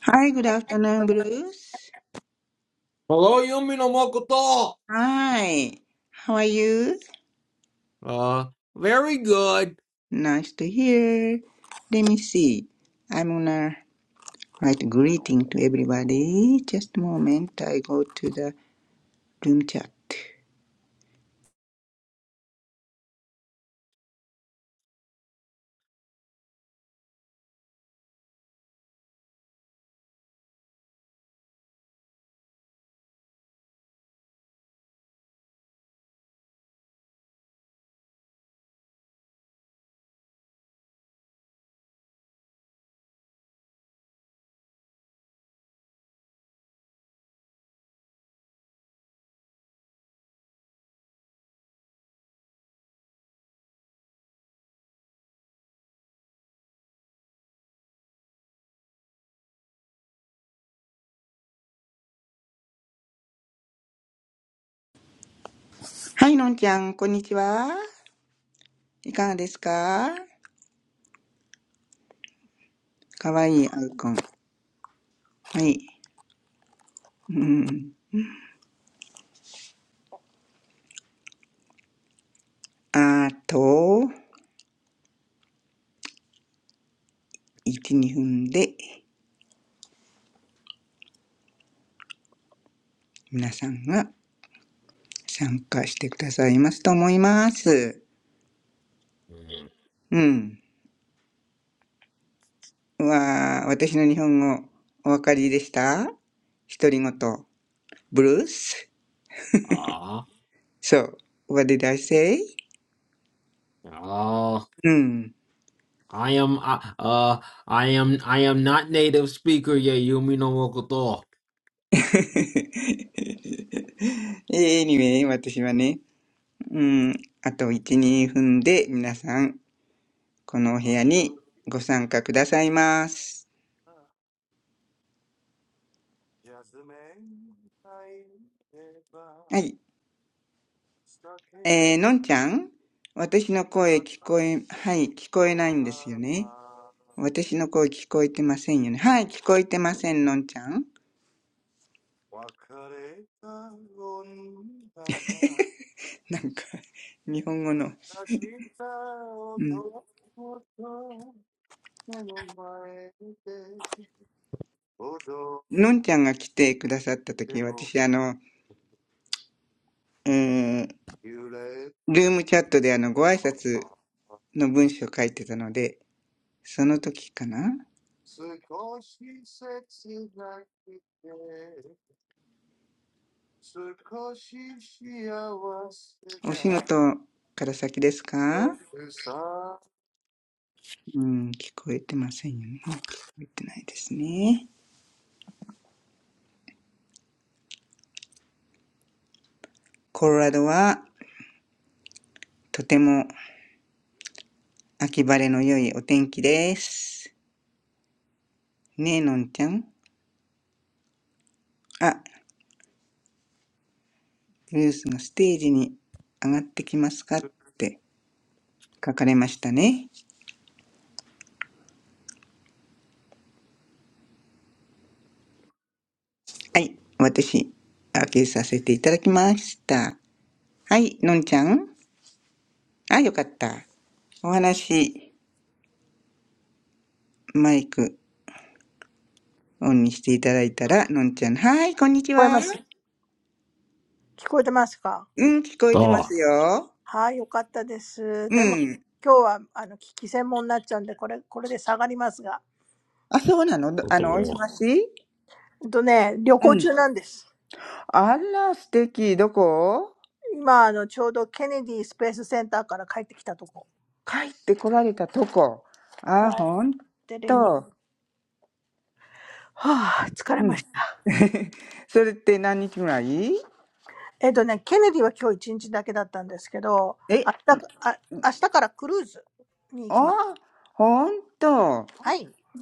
Hi, good afternoon, Bruce. Hello, Yumi no Makoto. Hi, how are you? Uh, very good. Nice to hear. Let me see. I'm gonna write greeting to everybody. Just a moment. I go to the room chat. はい、のんちゃん、こんにちは。いかがですかかわいいアイコン。はい。うん。あと、1、2分で皆さんが参加してくださいますと思います。Mm. うん。わあ、私の日本語お分かりでした独り言。ブルース Ah, ?So, what did I say? ah, うん。I am, uh, uh, I am, I am not native speaker yet, Yumi no Makoto. anyway, 私はね、うん、あと1、2分で皆さん、このお部屋にご参加くださいます。はい。えー、のんちゃん、私の声聞こえ、はい、聞こえないんですよね。私の声聞こえてませんよね。はい、聞こえてません、のんちゃん。なんか、日本語の、うん。のんちゃんが来てくださった時に、私、あの、えー、ルームチャットであの、ご挨拶の文章を書いてたので、その時かなお仕事から先ですかうん、聞こえてませんよね。聞こえてないですね。コロラドは、とても秋晴れの良いお天気です。ねえ、のんちゃん。あ、ルースがステージに上がってきますかって書かれましたね。はい。私、開けさせていただきました。はい。のんちゃん。あ、よかった。お話、マイクオンにしていただいたら、のんちゃん。はい、こんに I can hear you. ちは。Can うん、聞こえてま Ah, すよ。you hear me? Yes, it's うん。good. But today is あ、そうなのど what あ the の、お忙 law? しいうん。あら、素敵。どこ a special day, so it's going to drop. 帰ってこられたとこ。あ、ほん I'm on a と。trip. I'm just back from Kennedy Space うん。Center. I'm tired. それって何日ぐらい Kennedy was just for a day, but tomorrow え、I'm going on a cruise. Yes, that's あ、ほんと。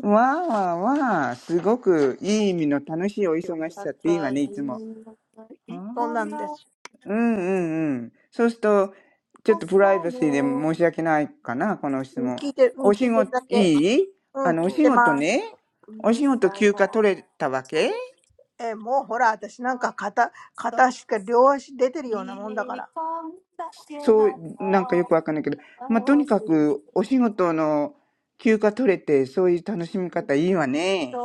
わあわあわあ、すごくいい意味の楽しいおお忙し忙しさっていいわいね、んいでつも。はーいうんうんうん。そうすると、ちょっとプライバシーで申し訳ないかな、この質問。right. お I 仕事、いいあ can の、お仕 hear 事 you. ね。お仕事休暇取れたわけえ、もうほら、私なんか片、片足か両足出てるようなもんだから。だってもう二十何人以上。誰かが歌ってんのこれ誰そう、なんかよくわかんないけど。まあ、とにかく、お仕事の休暇取れて、そういう楽しみ方いいわね。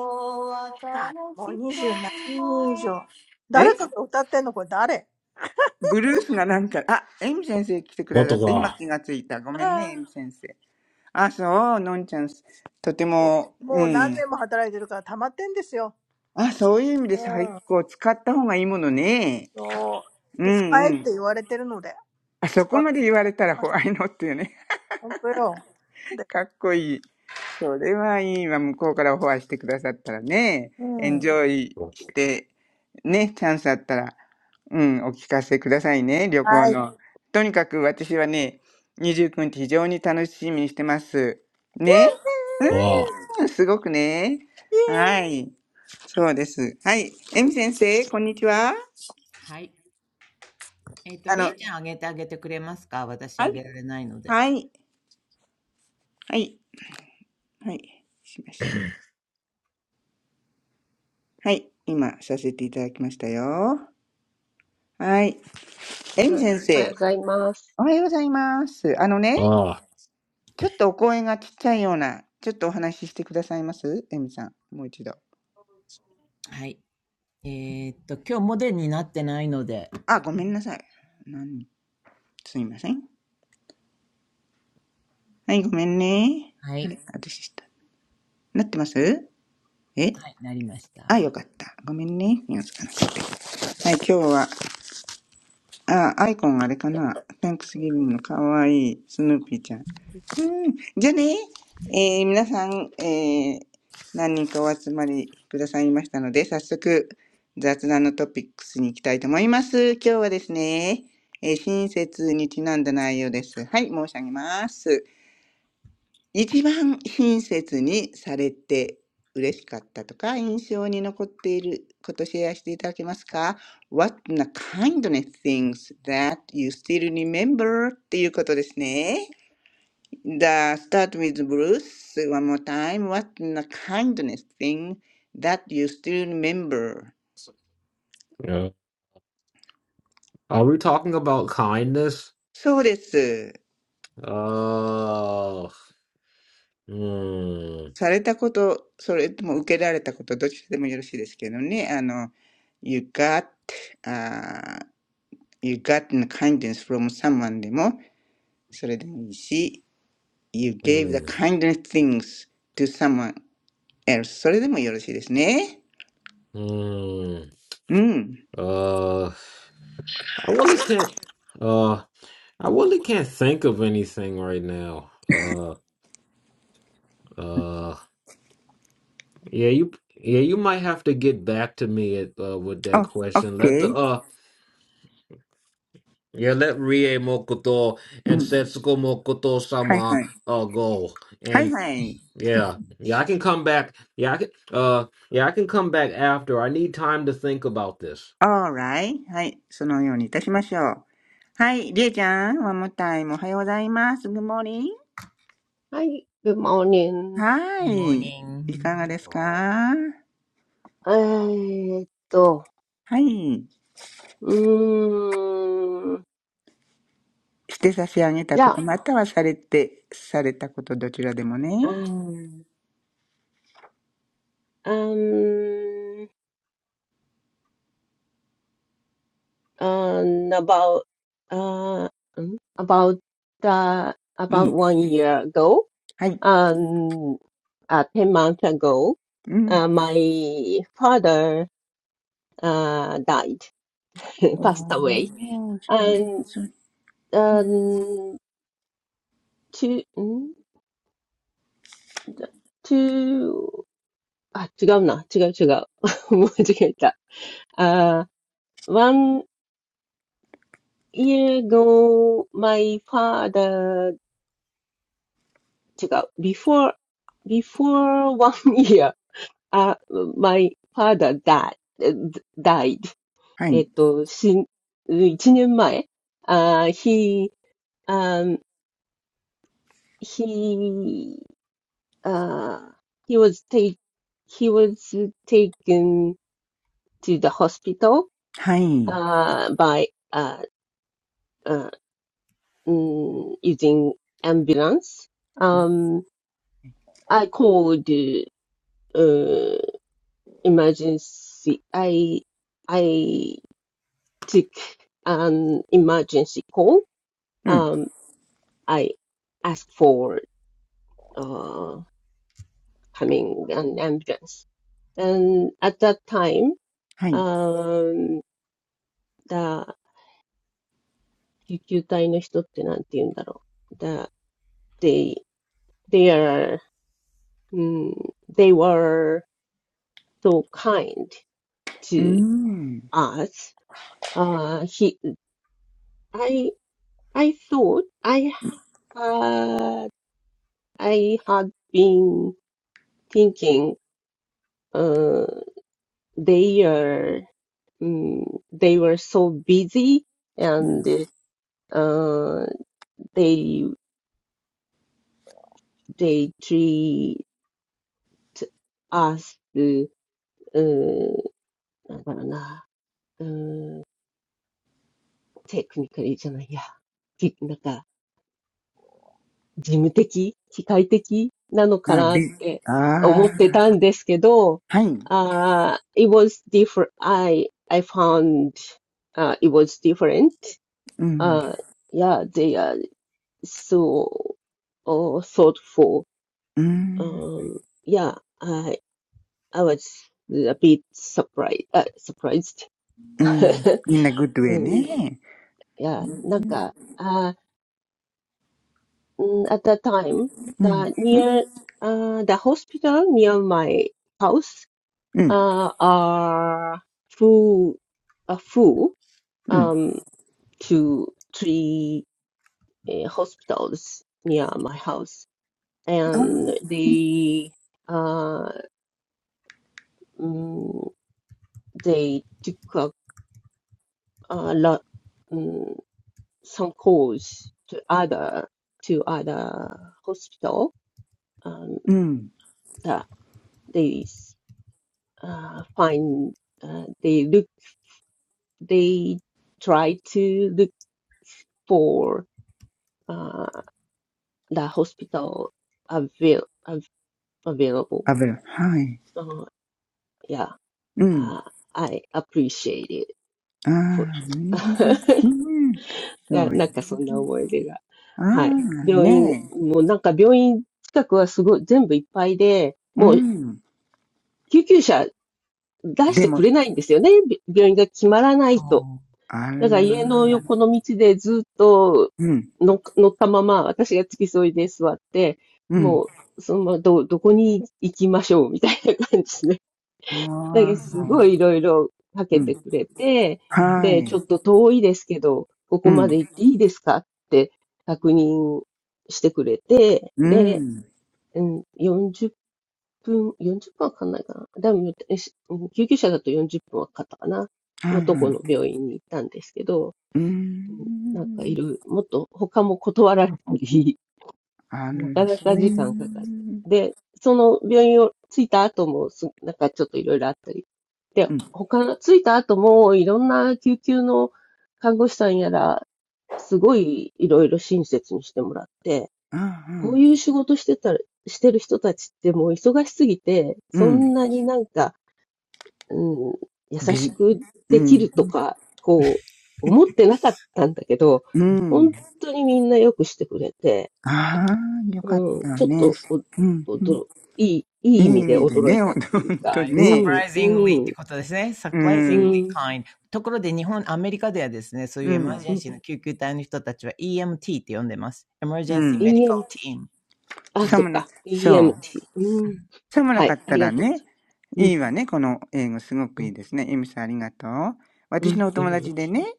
えブルースがなんか、あ、エミ先生来てくだ What さ the って、今 law? 気がついた。ごめんね、エミ先生。あ、そう、のんちゃん、とても、うん。あ、そういう意味で最高、使った方がいいものね。うんうん。あそこまで言われたらホワイノっていうね。かっこいい。それはいいわ、向こうからホワイしてくださったらね。エンジョイして、ね、チャンスあったら、うん、お聞かせくださいね、旅行の。とにかく私はね、29日非常に楽しみにしてます。ね。Ah, すごくね。はい。そうです。はい。エミ先生、こんにちは。すはい。えっ、と、ありの、えちゃんあげてあげてくれますか私はあげい。られないので。はい。はい。はい。しました。はい。今、させていただきましたよ。はい。エミ先生、お はい、おはようございます。はい、good はようございます。あのね、ah, ちょっとお声がちっちゃいような、ちょっとお話ししてくださいますエミさん、もう一度。はい。えっ、と、今日モデルになってないので。あ、ごめんなさい。なん、すいません。はい、ごめんね。はあい。れ、私した。なってますえはい、なりましあ、よた。かった。ごめんね。見つかなくてはい、今日は、あ、アイコンあれかな。タンクスギビングのかわいいスヌーピーちゃん。うん。じゃあね、えー皆さん、えー何人かお集まりくださいましたので、早速、雑談のトピックスに行きたいと思います。今日はですね、えー親切にちなんだ内容です。はい、申し上げます。一番親切にされて嬉しかったとか印象に残っていることシェアしていただけますか ?What the kindness things that you still remember? っていうことですね。The start with Bruce one more time.What the kindness thing that you still remember? yeah. Are we talking about kindness? そうです。Uh, hmm, されたこと、それとも受けられたこと、どっちでもよろしいですけどね。あの、You got uh, You got the kindness from someone でも、それでもいいし、You gave the hmm, kindness things to someone else それでもよろしいですね。hmm. うん。Uh, I really can't. Uh, I really can't think of anything right now. Uh, uh, yeah, you, yeah, you might have to get back to me at, uh, with that あ、question. Let the OK。uh, yeah, let Rie Mokoto う and ん。Setsuko Mokoto はい sama はい。uh go, はい and はい。yeah, yeah, I can come back. Yeah, I can, uh, yeah, I can come back after. I need time to think about this. alright. はい。そのようにいたしましょう。はい。りえちゃん、ワンモタイムおはようございます。Good morning. はモーい。ニングいかがです All right. かはい。morning。えーっと、うーん、じゃあ、um, して差し上げたこと、またはされて、されたこと、どちらでもね。um, um, about, uh, about, uh, う about ん。one year ago, はい。um, uh, 10 months ago, うん。uh, my father, uh, died, お passed away, ー、しあー and, そう um, two, mm, two あ、違うな。違う違う。間違えた。あ、one year ago, my father, 違う。before, before one year, あ、my father died, died. はい。えっと、死ん、一年前。あ、he, um, he, uh, he was take, he was taken to the hospital, はい。uh, by, uh, uh, mm, using ambulance. Um, I called uh, emergency. I I took an emergency call. うん。Um, I asked for uh, coming an ambulance, and at that time, はい。um, the 救急隊の人ってなんて言うんだろう。The, they, they are, mm, they were so kind うー to. ん。us. Uh, he, I, I thought I had, I had been thinking, uh, they are, mm, they were so busy うん。and, uh, they, they treat us, uh, なんだろうな、うん、technically じゃないや、きなんか事務的、機械的なのかあ、なっび、てあ思ってあ、たんですけど、はい。uh, it was different, I, I found, uh, it was different. うん。Uh, yeah, they are so uh, thoughtful. うん。Um, yeah, I, I was a bit surprised, uh, surprised. う ん。みんなグッドウェイうん、いね。や、なんか、あ Mm, at that time, うん。the near uh, the hospital near my house うん。uh, are full, uh, full うん。um, to three uh, hospitals near my house, あー and they uh, mm, they took up a lot mm, some calls to other to other hospital um, うん。that they uh, find uh, they look they try to look for uh, the hospital avail- av- available. あぶはい。Uh, yeah, うん。uh, I appreciate it ああ、for うん。うん。いそや、うや。なんかそんな思い出が。あはい。あ、病院、ねもうなんか病院近くはすごい全部いっぱいで、え。うもうん。救急車出しでてくも、れないんですよね。び病院が決まらないと。お あら。うだから家 g o の横の道でずっとん。乗ったまま、私が付き添いで座って、ううんん。もう、そのままど、どこに行きましょうみたいな感じで。あだけうすあ。ごん いいろいろかうけてん。くれて、はで、い。ちょっと遠いですけど、ここうん。まで行っていいですかって確認してくれて、うで、ん。うん、40分、40分はかかんないかな。だから救急車だと40分はかかったかな。はのいとはこのい。病院に行ったんですけど、うーうん、なんかいん。る、もっと他も断られたり、あなから、なそかうい時間かかっう。て。で、その病院を着いた後もす、なんかちょっといろいろあったり。で、うん。他の、着いた後もいろんな救急の看護師さんやら、すごいいろいろ親切にしてもらって、あこうあ、いう仕事してたら、してる人たちってもう忙しすぎて、うそんん。なになんかうん、優び、しくうできん。るとか、こう、思ってなかったんだけど、うん。本当にみんなよくしてくれて、ああ、よかっうん、たちょっね。とお、うん。おうんど、いい、いいいい意味意で味で驚いね、ほたっていうんか、と Uh, うね。ん、う surprisingly ってん、ことですね。ううん。surprisingly ん、kind. ところで日本、アメリカではですね、そういううエマージん。ェうンん、シーの救急隊の人たちは EMT って呼んでます。う Emergency ん。EMT、Medical Team。あ、そっ寒な、か、そうん。う。EMT、ううん、ん。寒なはかい、っあたりらがとうごね、ざいまいいす。わね、この英語すごくういん、うん、いですね。エミさんありがとう。う私ん、のお友達で EMT ねね。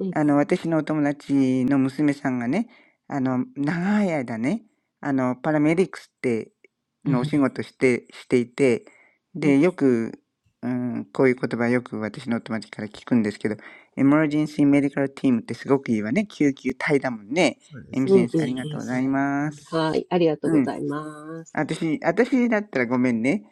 うん、あの、私のお友達の娘さんがね、あの、長い間ね、あの、パラメディックスって、うん、のおふ仕ん、事して、していて、うで、ん、よく、うん、こういう言葉よく私のお友達から聞くんですけど、エマージェンシーメディカルティームってすごくいいわね。救急隊だもんね。そうでエすミうね。センん、スうあチりーん、がムうとでうん。ごすざいね。うん、まはす。い、ありがとううごんざいます。私、私だったらごめんね。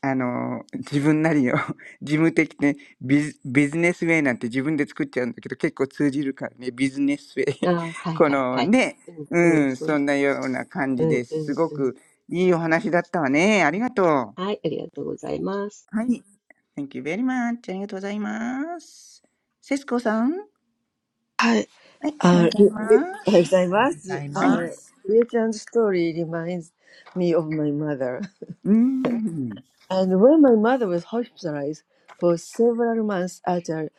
あの、自分なりの 事務的ね、ビジ、ビジネスウェイなんて自分で作っちゃうんだけど、結構通じるからね、ビジネスウェイ。あ はい、こはい、のはい。ね、うん、うん、うん、そんそんなような感うじでんうすすんごうん。くいいお話だったわね。ありがとう。はい、ありがとうございます。はい。Thank you very much. ありがとうございます。セスコさん。はい、おはよ はい。Uh, うござい li- li- ます。おはようございはい。おはようございます。Uh, ます。Liu-chan's story reminds me of my mother. うーん。And when my mother was hospitalized for several months at a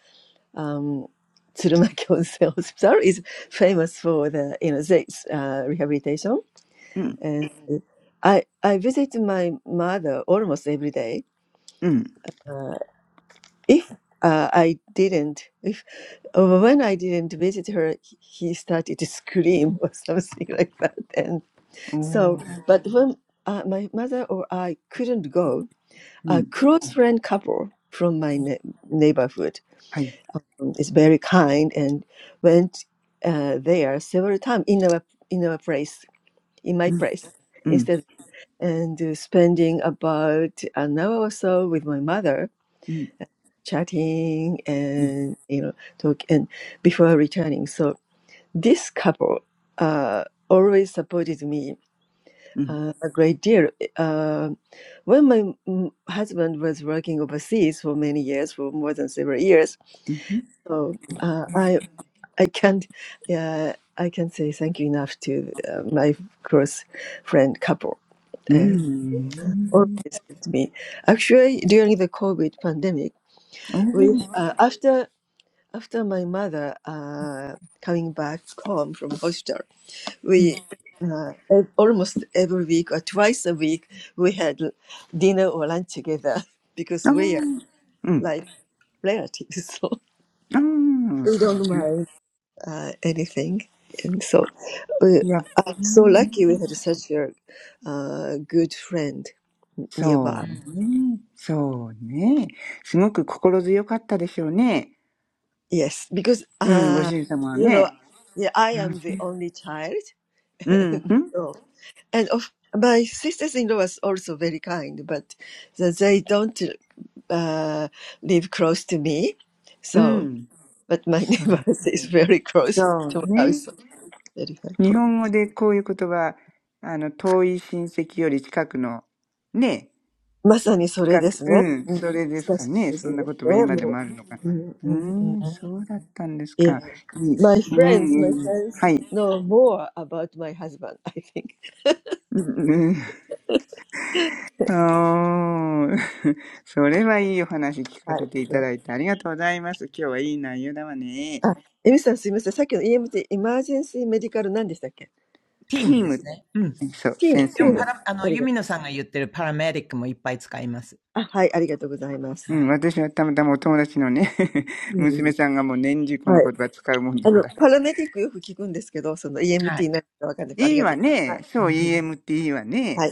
um, Tsurumaki Onsen Hospital is famous for the, you know, sex, uh, rehabilitation. うん。And I, I visit my mother almost every day. うん。Uh, if uh, I didn't, if when I didn't visit her, he started to scream or something like that. お So, ー but when uh, my mother or I couldn't go, う a ん。close friend couple from my ne- neighborhood はい。um, is very kind and went uh, there several times in our in our place, in my うん。place, うん。instead and uh, spending about an hour or so with my mother, う chatting and you know talk and before returning. So this couple uh, always supported me ん。uh, a great deal. Uh, when my mm, husband was working overseas for many years, for more than several years, Mhm. so uh, I I can't uh, I can't say thank you enough to uh, my close friend couple and Mm. always helped me. Actually, during the COVID pandemic, we Oh. uh, after after my mother uh, coming back home from hospital. Mm. we uh, ev- almost every week or twice a week we had l- dinner or lunch together because we are Oh. Mm. like relatives so Oh. we don't mind uh, anything and so we, やっ i'm so lucky we had such a uh, good friend うそ nearby うん、ね。そうね。すごく心強かったでしょうね。yes because うん、ご主 uh, 人様は you know ね。yeah i う am the only child ん、and, うん、うん。so, and of my sisters-in-law was also very kind but that they don't uh, live close to me. う So, ん but my そう、neighbors is very close そ to う my ね。house. So, Very 日 helpful. 本語でこういう言葉、あの、遠い親戚より近くの、ね、近く、うん、それですかね。そんな言葉今でもあるのか。うーん、まさにそれですね。うん、親しいですね。もう。うんうんうん、yeah. そうだったんですか。いい。My う friends, ん、my うん。friends はい。know more about my husband, I think. うんうん、おー それはいいお話聞かせていたはい。あ、エミさんすいません。さっきの だいてありがとうございます。今日はいい内容だわね。チームピーでム。すね。うん。そう、先で生もパが。ラあの、ユミ EMT、エマージェンシーメディカル何でしたっけティーム、ティーム。ありがとう。あ、はい、ありがとうございます。うんうん、はい。ノさんが言ってるパラメディックもいっぱい使います。うはん、い。私はたまたまお友達のね、娘さんがもう年中この言葉使うもんだから。あの、パラメディックよく聞くんですけど、その EMT はい。何かわかんないけど、ありがとうございます。うん、はい、ありがとうございます。はい、ありがとうございます。そんなことないです。そんなことないです。もう大歓迎ですよ、また。いえいえいえいえ、あの、お掃除、行き届けな、行き届いてないです。はい、本当に。あの、来年も待ってますからね。でも本当に、海野さん、えみ、えみさんだって200回ですよ。だって、すごい。いいわね。うそう、ん。EM っていいわね。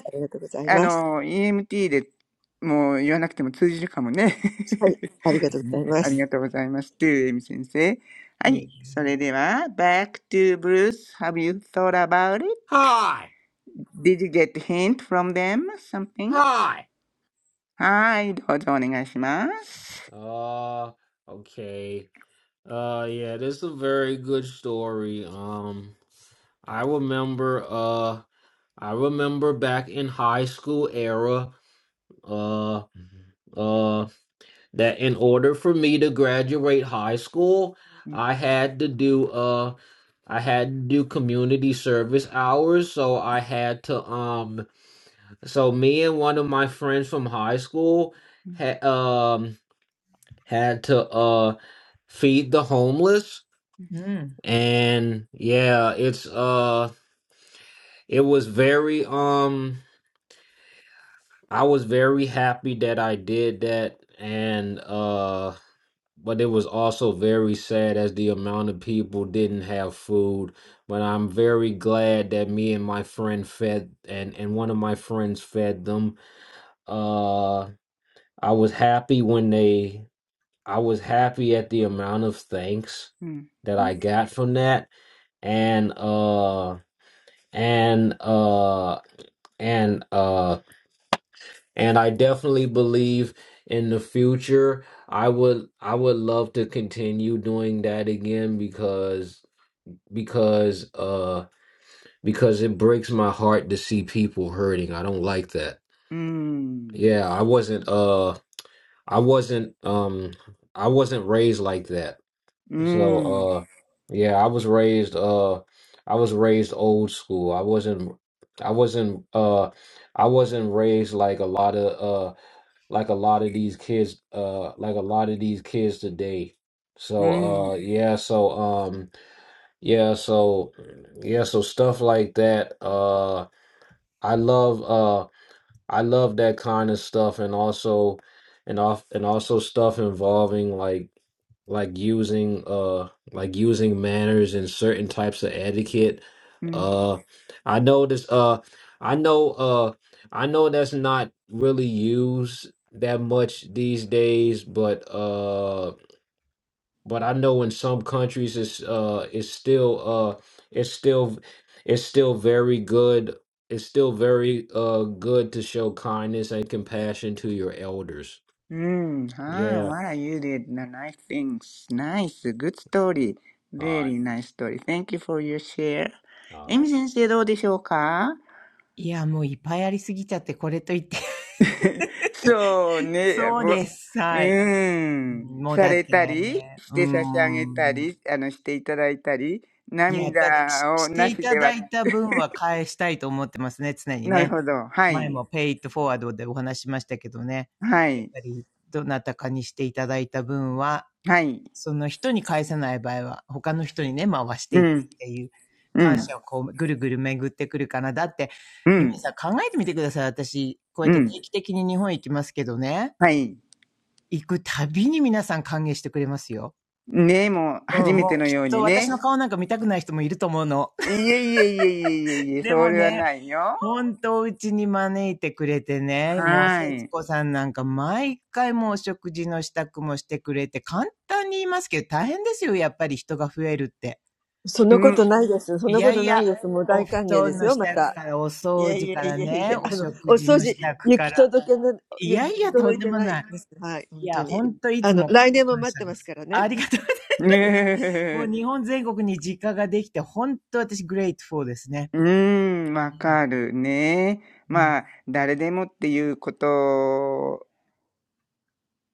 あの、EMT でもう言わなくても通じるかもね。そうですね。ありがとうございます。トゥーエミ先生。はいえいい。え。それでは、Back to Bruce. Have you thought about it? Hi, Did you get hint from them? Something? hi. はい。どうぞお願いします。Uh, okay. Uh yeah, this is a very good story. Um I remember uh I remember back in high school era uh uh that in order for me to graduate high school, うん。I had to do uh I had to do community service hours, so I had to um so me and one of my friends from high school had um had to uh feed the homeless. うん。and yeah it's uh it was very um i was very happy that i did that and uh but it was also very sad as the amount of people didn't have food but i'm very glad that me and my friend fed and and one of my friends fed them uh i was happy when they i was happy at the amount of thanks うん。that i got from that and uh. and uh and uh and I definitely believe in the future I would I would love to continue doing that again because because uh because it breaks my heart to see people hurting. I don't like that. うん。Yeah, I wasn't uh I wasn't um I wasn't raised like that. う So ん。uh yeah, I was raised uh I was raised old school. I wasn't I wasn't uh I wasn't raised like a lot of uh like a lot of these kids uh like a lot of these kids today. う So ん。uh yeah, so um yeah, so yeah, so stuff like that. Uh I love uh, I love that kind of stuff and also and off and also stuff involving like like using uh like using manners and certain types of etiquette. うん。Uh I know this uh I know uh I know that's not really used that much these days, but uh, but I know in some countries it's uh it's still uh it's still it's still very good it's still very uh good to show kindness and compassion to your elders. Mm, ah, Yeah. what are you did. n- Nice things. Nice. Good story. All right. Very nice story. Thank you for your share. All エ right. ミ先生どうでしょうか いや、もういっぱいありすぎちゃって、これといって。そう ね。そうぼうです。はい。ーん。もうさだっれたり、て、しうて差し上げたん。り、あの、していただいたり、いや、だってし、涙しをてないしたでだは、いた分は返したいと思ってますね、常になるほね。ど。は前い。もペイ it forward でお話ししましたけどね。はやっい。ぱり、どなたかにしていただいた分は、はい。その人に返せない場合は、他の人にね、回してういくっん。ていうう感ん。謝をこう、ぐるぐる巡ってくるかな。だって、うユミん。さん考えてみてください。私、こうやっうて定ん。期的に日本行きますけどね、はい。行くたびに皆さん歓迎してくれますよ。ねえもうう初ん、めもてうのきよっうとに私ね。の顔なんか見たくない人もいると思うの。いえいえいえいえいえいえ、そでもれはね、ないよ。本当うちに招いてくれてね、もうは節い。子さんなんか毎回もう食事の支度もしてくれて、簡単に言いますけど大変ですよ、やっぱり人が増えるって。うん。いやいや、お布団の支度から、お掃除からね、お食事の支度から。いやいや、とんでもない。いや、ほんといつも感謝です。ありがとう。ねもうえ日本全国に実家ができて、ほんと私、グレイトフォーですね。うん、わうん。かるね。うん。まあ、誰でもっていうこと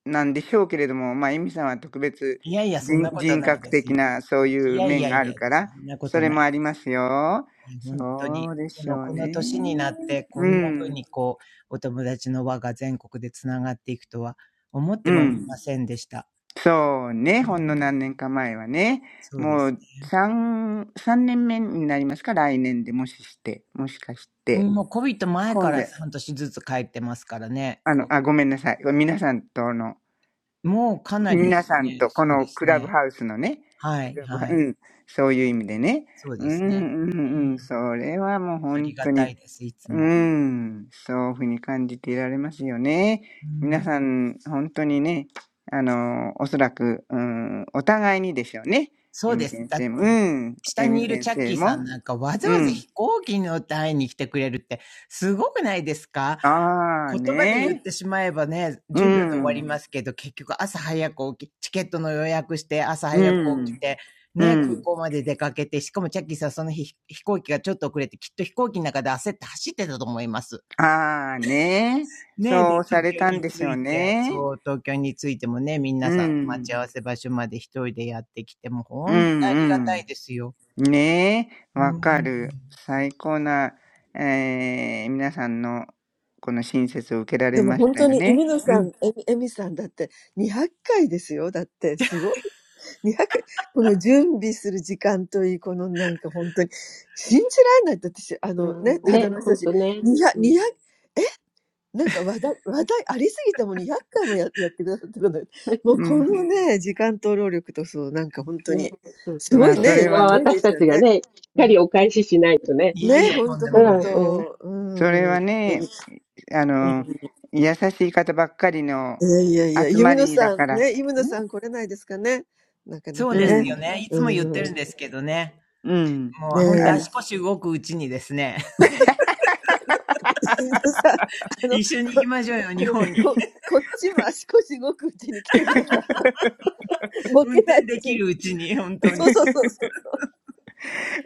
なんでしょうけれども、まあ、エミさんは特別いやいや、そん人、なこと人ない格です的よ。なそういいうやい面やがいあるや、かそら、んなこそとれなもあい。りますよ。いや、本当に。そうでこしの、ょうこの年ね。になって、こうんな風ん、にこう、お友達の輪が全国でつながっていくとは、思っうてもん。みませんでした。そうね、うほんのん何年か前はね、そうでもすう3、三年目になりますか、来年でもしして、もしかしね。て、もう COVID 前か今度、ら半年ずつ帰ってますからね。あの、こあ、ごめんなさい。皆さんとの、もうかなりで皆すよさんね。とこそうでのすクラブね。ハウスのね、はクい、ラブハはうい。ん、そういう意味でね。そううでん、すね。ううん、うん、ん、それはもうあ本りが当たにいです、いつうーも。ん、そういうふうに感じていられますよね。う皆ん、さん、ほんとにね、あの、おそらく、うーん、お互いにですよね。そえうみです。先だっ生もうて、ん、下えにみいる先チャッキ生ーさんも、なんかわざうわざん。飛行機に乗って会いに来てくれるってすごくないですかああ、言葉で言っね。てしまえばね、う10秒で終わりん、ますけど、結局朝早く起き、チケットの予約して、朝う早く起きん、て、うね、空ん。港まで出かけて、しかもチャッキーさんその日飛行機がちょっと遅れて、きっと飛行機の中で焦って走ってたと思います。ああ、ね。ね、で、そうさ東れ京たんにでし着ょういて、ね。そう、東京に着いてもね、う皆さんの待ん、ち合わせ場所まで一人でやってきて、もうう本当にんありがうん。たいですよ。ねえ、うわかん。る。最高な、えー、皆さんのこの親切を受けられましたよね。うん、にひゃく、この準備する時間といい、このなんか本当に、信じられないって私、あのね、肌の人たち、にひゃく、にひゃく、え、なんか話題、話題ありすぎてもにひゃっかいもややってくださってるのよ。もうこのね、時間と労力と、そう、なんか本当に、すごいね、ね、デイちゃんね。うん、ね、ほんとほんと。うん。本当に、うん。いやいやいや、ユミノさん、ね、ユミノさん来れないですかね。なかなかね。うん。ね。うん、ね、ほんとね。うん。うん。ね、そうそうまあ、そう。そそれれははね、私たちがね、しっかりお返ししないとね。いやいや、とんでうもございますんうん。それはね、あの、優しい方ばっかりの集まりだから。そうでうすよん、ね。いつも言ってるんですけどね。うん。もう本当あ、足腰動くうちにですね、So, I'm going to go 一緒に行きましょうよ、日本に。to the 運転できるうちに、本当に。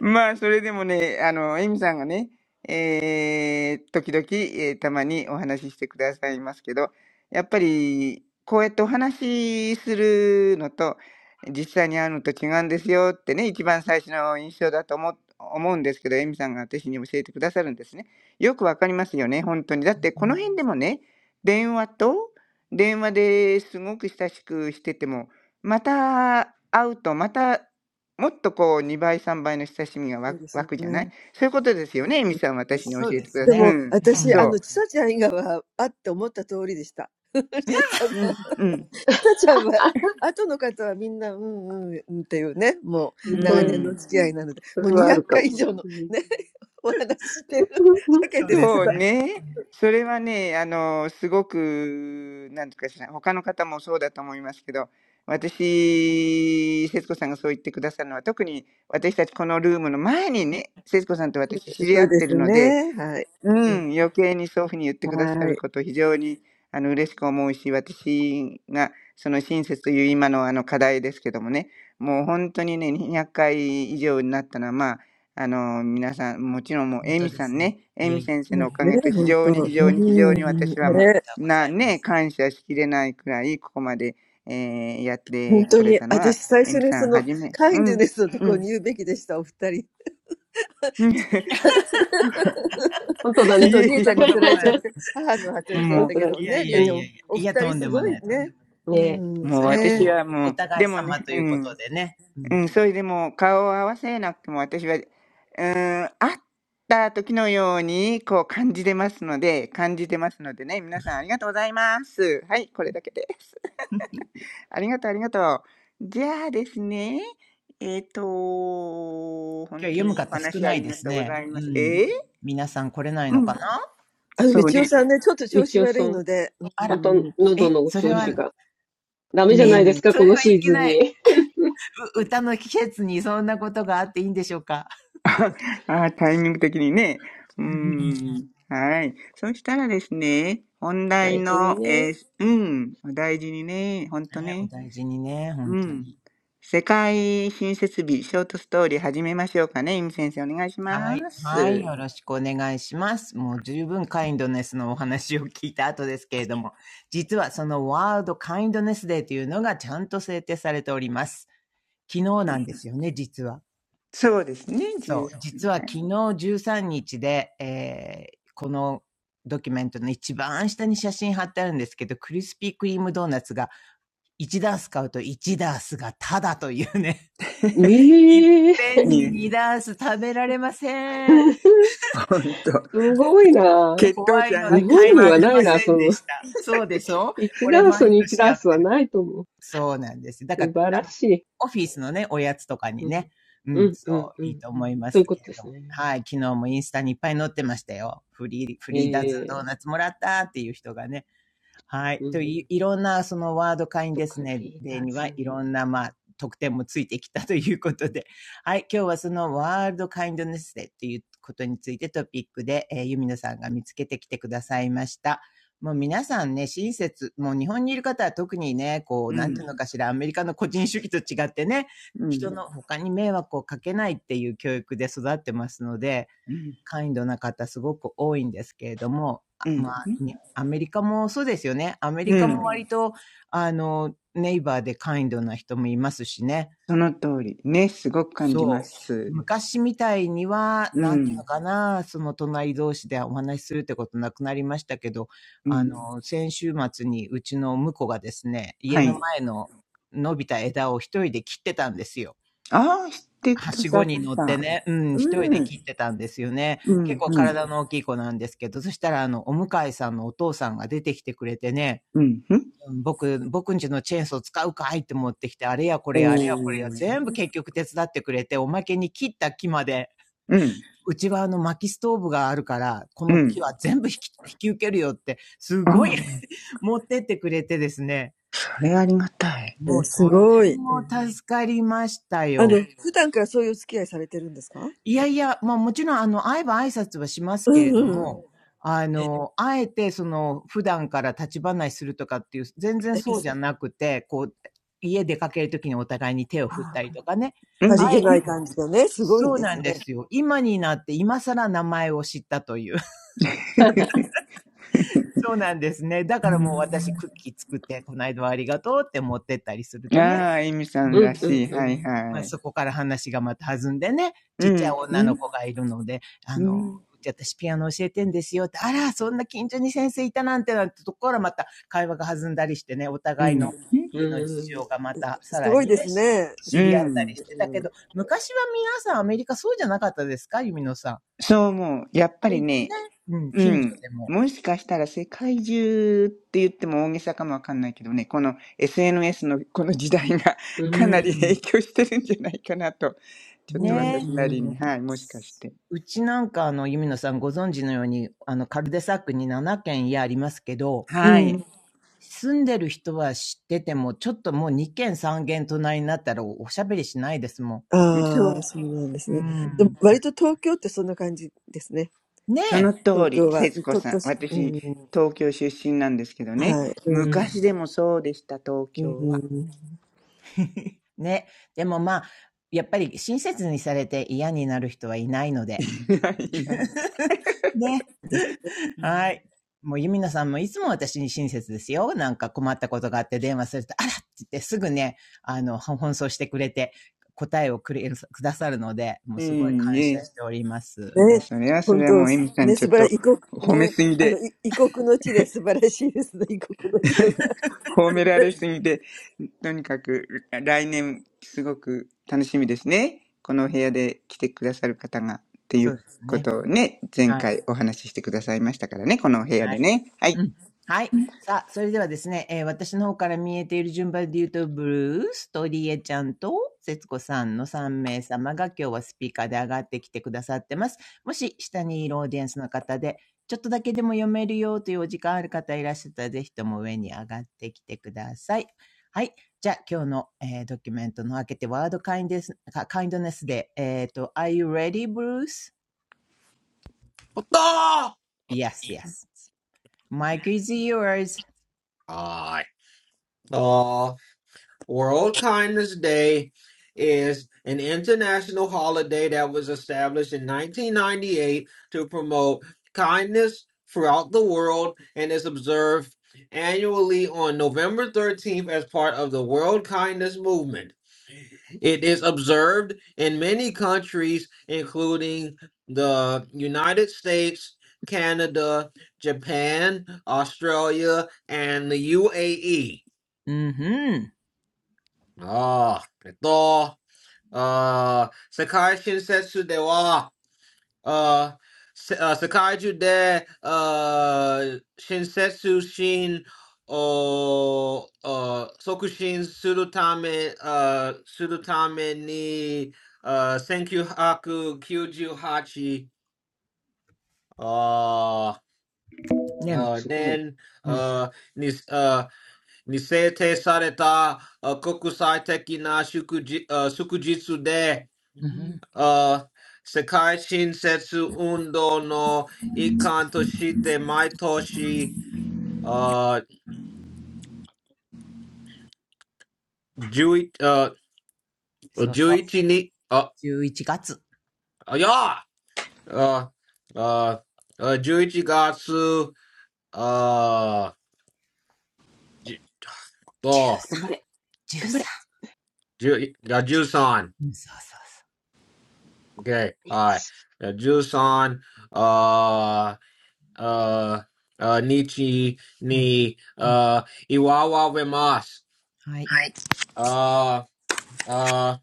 まあ、それでもね、あの、エミさんがね、えー、時々、えーたまにお話ししてくださいますけど、やっぱり、こうやってお話しするのと、実際に会うのと違うんですよってね、一番最初の印象だと思う、思うんですけど、エミさんが私に教えてくださるんですね。よくわかりますよね、本当に。だって、この辺でもね、電話と、電話ですごく親しくしてても、また会うと、またもっとこう2倍、3倍の親しみがわ湧くじゃない？そういうことですよね、エミさん、私に教そうえでてくすださいうね。ん、うん。そう。うん、うん、あ、うう本当ね。んん。それはあるかも。う bathroom. ん。そうですそうね。うね。んそれはね、あの、すごく、なんとかしら、他の方もそうだと思いますけど、私、節子さんがそう言ってくださるのは、特に私たちこのルームの前にね、節子さんと私知り合ってるのでうん、余計にそういうふうに言ってくださること非常にあの嬉しく思うし、私がその親切という今のあの課題ですけどもね、もう本当にね、200回以上になったのは、まあ、あの皆さん、もちろんもう、本エ当ミでさんすね。ね、エいやミいや、先生のおいかげと非常に非やい常や、に非常に私そはんなも ことはう、ござな、いまね、せん。感謝しきれないくらい、ここまで、えーやっ本当に、私最初にその、カインドネスのところに言うべきでした、お二人。ちょっとリエちゃんにつられちゃって、母の話しちゃったけど、ね、リエちゃん、おお二人すごいね。うん、ね。あの、道夫さんね、ちょっと調子悪いので、うん、うん、うんねすごい。うん、あの、普段からそういうお付き合いされてるんですかうんうん。え、すあ、さりげない感じがね、すごいんですね。すごいですね。そうか。うん。うん。てこれたのは、エミさんはじめ、うん、うん、うん、本当だいね。えそんいなこえ。とございま す。もう本当だね。いやいやういん。やいや。いや、とんそでうもそない、とんでもない。うねえ。もうそそれうはお、そ私う。おはもおう、互いでもね、様といううことん、でね。うん。う今ん、それでも顔を合わせなくても私は、うん、会った時のように、こう感じてますので、感じてますのでね、皆さんありがとうございます。はい、これだけです。ありがとう、ありがとう。じゃあですね、えっ、と、日本当読むにお方少話あないりでがすとうござね。います。うえー、ん。皆さん来れないうのかん、なそうね。みちおさん。あまたら。喉え、のおそれ調子は、が。ダメじゃなえ、いですか、そこれのはシいーけズンない。に。う歌の季節にそんなことがあっていいんでしょうか。ああ、タイミング的にね。うーん。はい。そしたらですね、本題大事にの、ね。えーうん。お大事にね。ほんとはい、おね。大事にね、本う当ん。に。世界新設日、ショートストーリー始めましょうかね。イム先生、お願いしはまい、はい、す。よろしくお願いします。もう十分カインドネスのお話を聞いた後ですけれども、実はそのワールドカインドネスデーというのがちゃんと制定されております。昨日なんですよね、実は。そうですね。10はそう、実は昨日13日で、えーこのドキュメントの一番下に写真貼ってあるんですけど、クリスピークリームドーナツが1ダース買うと1ダースがタダというね、いっええー ぺんいえ、に2ダース食べられません。すほんと。ごいな血糖怖値い上のがっ日でて本し買いににまう。行はきなまいな、せんそでの、した。そうでしょ1こダれース毎に1年ダーやっスてはる。ないと思う。そうなんです。だか素ら、晴あらの、しい。オフィスのね、おやつとかにうん、ね。ううん、ん、そうん、う、ういいん。と思いまそういすうこけとれでどすも。ね。はい、昨日もインスタにいっぱい載ってましたよ。フリー、フリーダズンえドえーーナツもらったっていう人がね。はい。うという、ん、いろんな、そのワード会員とですか、ね、リーでダーには、いズ。ろんな、まあ、特典もついてきたということで、はい。今日はそのワールドカインドネスデーということについてトピックで、えー、ユミノさんが見つけてきてくださいました。もう皆さんね、親切、もう日本にいる方は特にね、こ う、うなんん。ていうのかしら、アメリカの個人主義と違ってね、う人ん。の他に迷惑をかけないっていう教育で育ってますので、うん。カインドな方すごく多いんですけれども、うまん。あ、アメリカもそうですよね。アメリうカもん。割と、うんあの、ネイバーでカインドな人もいますしね。その通り。ね。すごく感じまそう。す。昔みたいには、うなんていうのん。かな、その隣同士でお話しするってことなくなりましたけど、うあん。の、先週末にうちの婿がですね、家はのい。前の伸びた枝を一人で切ってたんですよ。ああ、知ってくはだしごさっに乗ってた。ね、うん、一人うでん。切ってたんですよね。う結ん、構うん、体の大きい子なんですけど、そしたらあの、お向かいさんのお父さんが出てきてくれてね、うん、うん。僕、僕んちのチェーンソー使うかいって持ってきて、あれやこれおや、あれやこれや、ー。全部結局手伝ってくれて、おまけに切った木まで、うん、うちはあの薪ストーブがあるから、こうの木ん。は全部引き、引き受けるよって、すあごい あ、持ってってくれてですね、それありがたい。もうとても助かりましたよ。いやいや、まあもちろん、あの、会えば挨拶はしますけれども、うんあの、あえて、その、普段から立ち話するとかっていう、全然そうじゃなくて、こう、家出かけるときにお互いに手を振ったりとかね。うん。あえても、そうなんですよ。今になって、今更名前を知ったという そうなんですね。だからもう私、クッキー作って、この間はありがとうって持ってったりするとね。ああ、エミさうん。んうらん、うん、しい。うはん、いまあ、はい。そこから話がまた弾んでね、うちっちゃいん、う女のん、子がいるので、あうの、ん、うち私ピアノ教えてんですよって、あら、そんな近所に先生いたなんてなんてところからまた会話が弾んだりしてね、おうん、う互いん。の家の事うん、情がまたさらにね、う知り合ったりんしてたけど、昔は皆さんアメリカそうじゃなかったですか、ゆみのさん。そう思う。やっぱり割とね、ね、うん、う近所ん。でも。もしかしたら世界中って言っても大げさかもわかんないけどね、この SNS のこの時代が ううかん、なり影ん。響してるんじゃないかなと、ちょっとね私なりに、はい、もしかして。うちなんかあの、ゆみのさんご存知のように、あの、カルデサックに7軒家ありますけど、はい。住んでる人は知ってても、ちょっともう2軒3軒隣になったらおしゃべりしないですもんそう。This is a World うん。ねそえの通り、節子さん。私、東京出身なんですけどね。う昔ん。でもそうでした、東京は。ね。でもまあ、やっぱり親切にされて嫌になる人はいないの いで。ないいない。ね。はい。もうユミナさんもいつも私に親切ですよ。なんか困ったことがあって電話すると、あらって言ってすぐね、あの、奔走してくれて答えをくれくださるので、もうすごいいい感謝え。しております。いや、それはそれはもう、エミさんちょっと褒めすぎで。褒められすぎて、とにかく来年すごく楽しみですね。このお部屋で来てくださる方がっていそううですこね。とをね、前はい。回お話ししてくださいましたからね、このお部屋はでい。ね。はうい。ん。はい。さあ、それではですね、えー、私の方から見えている順番で言うと、ブルースとリエちゃんと、節子さんの3名様が今日はスピーカーで上がってきてくださってます。もし、下にいるオーディエンスの方で、ちょっとだけでも読めるよというお時間ある方いらっしゃったら、ぜひとも上に上がってきてください。はい。じゃあ、今日の、えードキュメントの開けて、ワードカインデス、かカインドネスで、えっ、と、Are you ready, Bruce?Yes, What the? yes. yes. Mike is yours. All right. World Kindness Day is an international holiday that was established in 1998 to promote kindness throughout the world and is observed annually on November 13th as part of the World Kindness Movement. It is observed in many countries, including the United States, Canada, Japan, Australia, and the UAE. うんふん。Ah, itu ah sekarang shinsatsu dewa ah sekarang jadi ah shinsatsu shin oh oh sekutu suatu tamae ah suatu tamae ni ah thank you aku kujuhachi ah ね ah すごい。then うん、ah ni ah. うんうん、に制定されたあ国際的な祝日あ祝日てあ世界新設運動の一環として毎年あ そうそう。11月、10、頑張れ、頑張れ。13。うん、そうそ k はい、13 uh, uh, Nietzsche うそう。ni うん、うん。uh, Iwawa Remas. はい。はい。Uh, uh,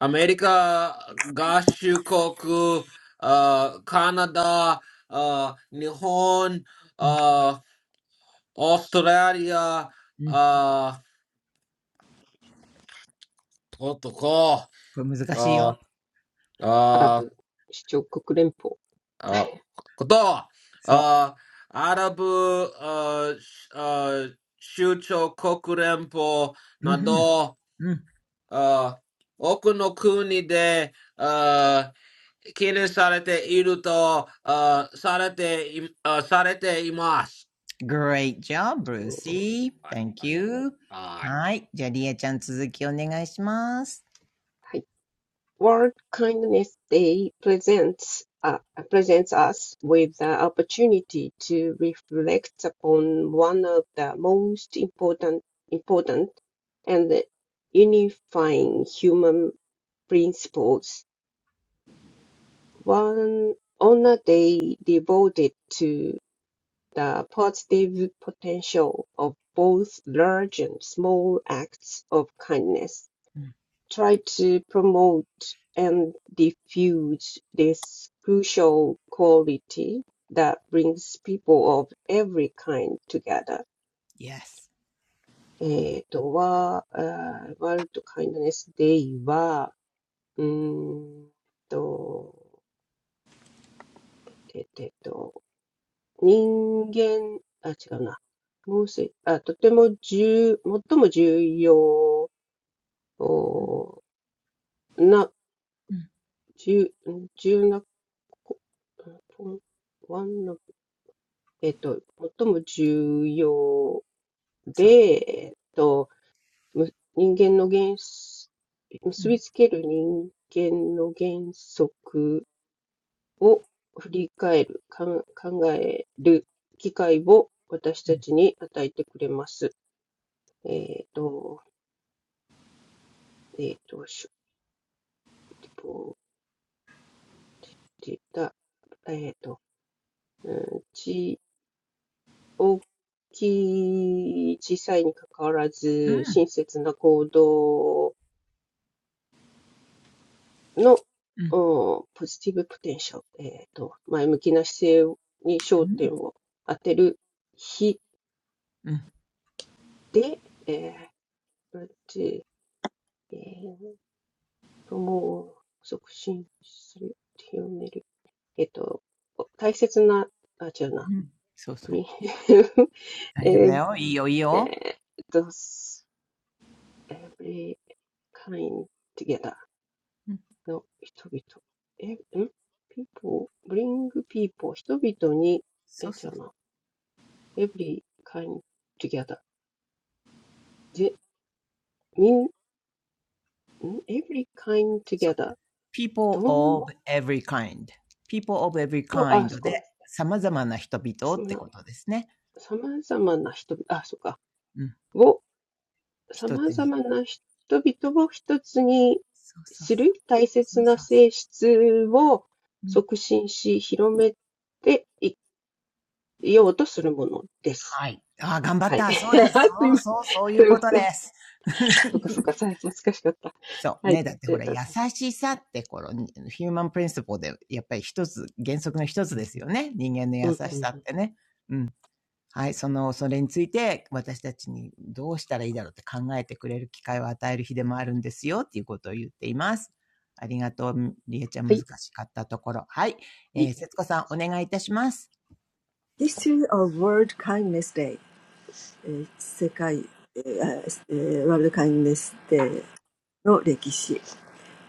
America Gashukoku, uh, Canada, uh, Nihon, うん、uh, Australia, うん。uh, Otoko, これ難しい uh, よ。アラ uh, ブ首長国連邦。uh, Koto, そう。uh, Arab, uh, sh- uh, Shucho Kokurenpo, うん Nado, うん、うん。ああ、奥の国で、ああ、懸念されていると、ああ、されてい、あされています。はい、ありがとう。はい。だよ。ことか。はい。はい。Okay. Great job, Brucey. Thank you. はい。じゃあ、リえちゃん続きお願いします。World Kindness Day presents uh, presents us with the opportunity to reflect upon one of the most important important and unifying human principles. One on a day devoted to The positive potential of both large and small acts of kindness. うん、Try to promote and diffuse this crucial quality that brings people of every kind together. Yes. えっと、は、あー、ワールドカインドネスデイは、うーんと、えっと、人間、あ、違うな。もーあ、とても重、最も重要な、重、重なこ、ワンの、えっと、最も重要で、そう。えっと、む人間の原則、う結びん、つける人間の原則を振り返る、かん考える機会を私うたん、ちに与えてくれます。えっと、えっと、しぼりだ、えっと、うんち、大きい、小さいにかかわらうず、ん、親切な行動の、うん、ポジティブポテンシャル、えっと、前向きな姿勢に焦点を当てる日うん、で、えー、えー、プロモを促進する、広める、えっと、大切な、あ、違ううな、ん。そうプそう。リン、大丈夫えーだよ。いいよ、いいよ。えー、thus every kind together うん、の人々。え、ん ?people, bring people, 人々に、え、そう違そう。うな。every kind together. で、みん、ん ?every kind そう。together. ど people ん of every kind. people of every ぼ、あ、kind そっか。で、さまざまな人々さっまてな、ことですね。さまざまな人々、あ、そっか。うん。を、さ一まつざに。まな人々を一つにそうそうそう。する大切そうなそうそ性質をう。うん、促進し、広めていようとするものです。はい。ああ、頑張っはい。た。そうです。すそいうません。そう、そういすうことです。そっかそっ か。さ難しかった。そう。はね。い。だってありほがら、と優うございます。しさってこの、ヒューマンプリンシポで、やっぱり一つ、原則の一つですよね。人間のう優しんうさん。ってね。はい、その、それについて私たちにどうしたらいいだろうって考えてくれる機会を与える日でもあるんですよっていうことを言っています。ありがとう、りえちゃんは難い。あしかったところ。はい。りえー、節が子とうさごん、おざいます。願いいたします。Kindness Day. World Kindness Day.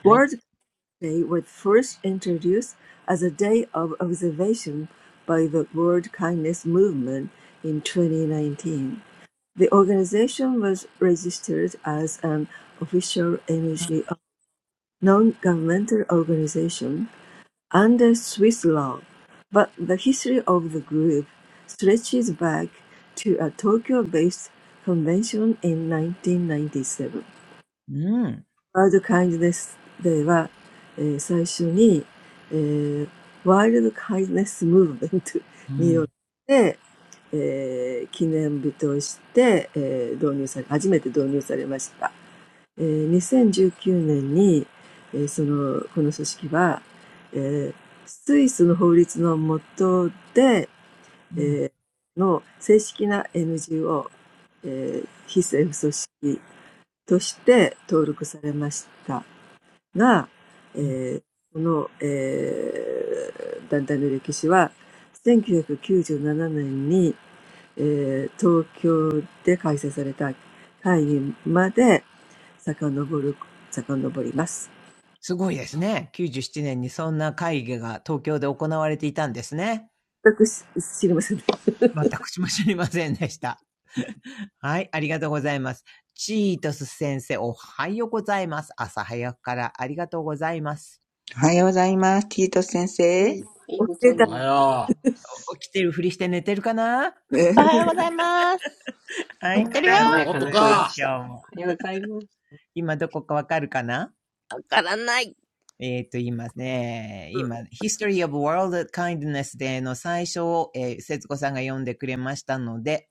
はい。Day was first introduced as a day of observation by the World Kindness Movement in 2019. The organization was registered as an official NGO non governmental organization under Swiss law, but the history of the group stretches back to a Tokyo based convention in 1997. うん、ワールドカインドネスデーは、えー最初に、えーワールドカインドネスムーブメントによって、えー記念日として、えー導入され、初めて導入されました。えー2019年に、えーその、この組織は、えースイスの法律の下で、えーの正式な うん、うん、NGO、えー非政府組織として登録されました。うん。が、えーこの、えー団体の歴史は、1997年に、えー東京で開催された会議まで遡る、遡ります。全く知知りません。お、レータの、レータ、レータですね。すごいですね。97年にそんな会議が東京で行われていたんですね。私も知りませんでした。はい、ありがとうございます。チートス先生、おはようございます。朝早くからありがとうございます。おはようございます、ティートス先う生。ん。おはようございます。起きてるふりして寝てるかな おはよはうごい、ありざいが爽まとうやごかなざい声ま出す、した。今日おも。はようございます。今どこかわかるかなえっ、と、言いますね。今、History of World Kindness での最初を、えー、節子さんが読んでくれましたので、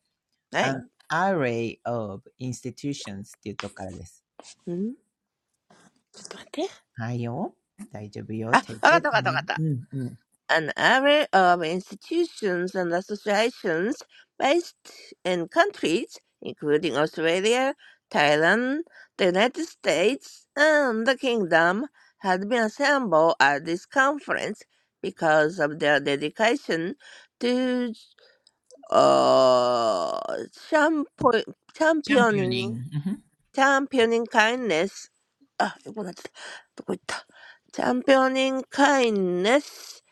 An おはようございます。知ってるよわからない。うんはい。んちょっと待って。あ、わかったわかったわかった。An Array of Institutions っていうとこからです。はいよ。大丈夫よ。Take your time. うんうん。array of institutions and associations based in countries including Australia, Thailand, the United States, and the Kingdom had been assembled at this conference because of their dedication to uh, champo- チャンピオニ championing ング。うんふんチャンピオニン・カインネスあ、よくなってたどこ行ったチャンピオニン・カインネス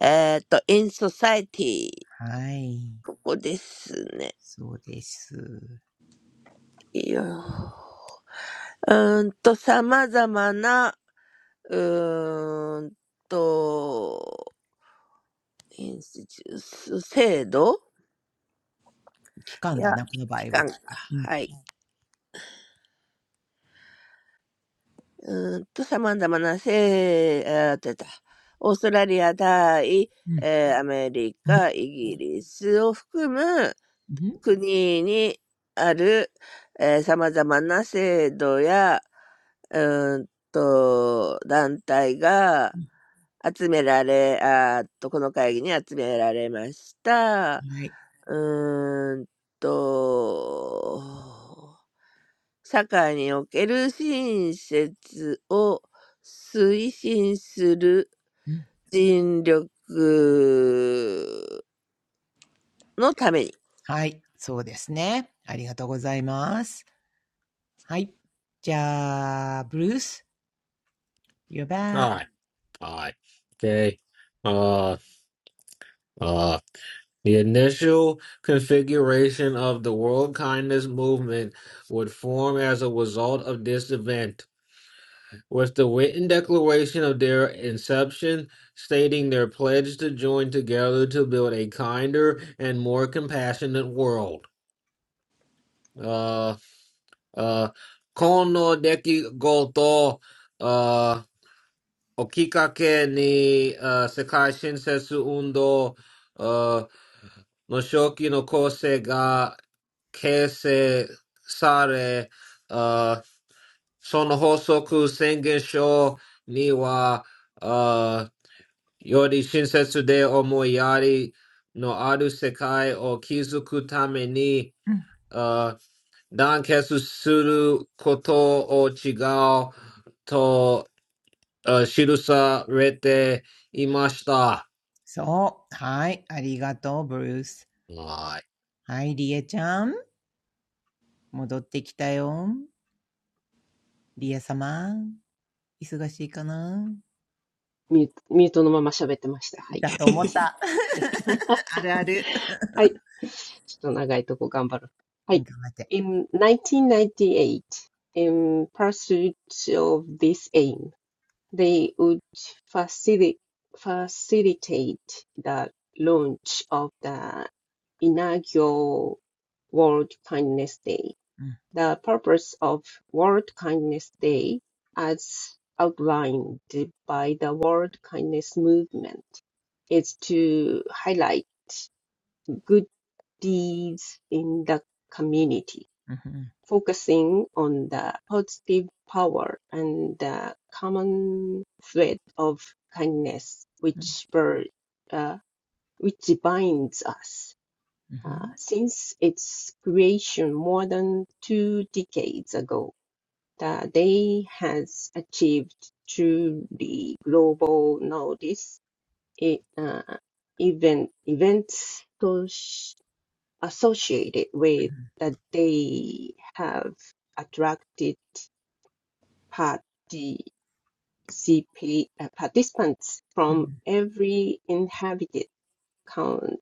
えーと、イン・ソサイティはい。ここですねそうです。いいよーうーんと、様々なうーんとインスティチュース制度期間いやだな、この場機合は関が、期き間かっと。うん。はいうーんと、様々なせあー、出た。オーストラリア、タイ、うん。えーアメリカ、イギリスを含むう国にある、ええ、様々な制度や、うーんと、団体が集められあーっと、この会議に集められました。んはい。うーんと社会における親切を推進するうん尽力のためにはい、そうですね。ありがとうございます。はい。じゃあ、ブルース、you're back. Uh, uh, the initial configuration of the World Kindness Movement would form as a result of this event. was the written declaration of their inception, stating their pledge to join together to build a kinder and more compassionate world. Uh, uh, kono deki goto uh, okikake ni uh, sekai shinsetsu undo uh, no shoki no kose ga keise sare uh, sono hosoku sengen sho ni wa uh, Yori shinsetsu de omoyari no aru sekai o kizuku tame ni うん。uh, danketsu suru koto o chigao to uh, shirusa rete imashita. そう。はい。ありがとう、ブルース。Alright. はい、リエちゃん。戻ってきたよ。リエ様。忙しいかなミュートミュートのまま喋ってました。はい。だとすい思まっせん。た。あるある。はい。ちょっと長いとこ頑張る。は頑い。張って。In 1998, in pursuit of this aim, They would facili- facilitate the launch of the inaugural World Kindness Day. うん。The purpose of World Kindness Day, as outlined by the World Kindness Movement, is to highlight good deeds in the community うん、ふん、focusing on the positive power and the common thread of kindness, うん、which, bir- uh, which binds us. うんふ Uh, ん、since its creation more than two decades ago, the day has achieved truly global notice. It, uh, event, events associated うん with ふん、that they have attracted participa- uh, participants うん、う from ん、every inhabited con-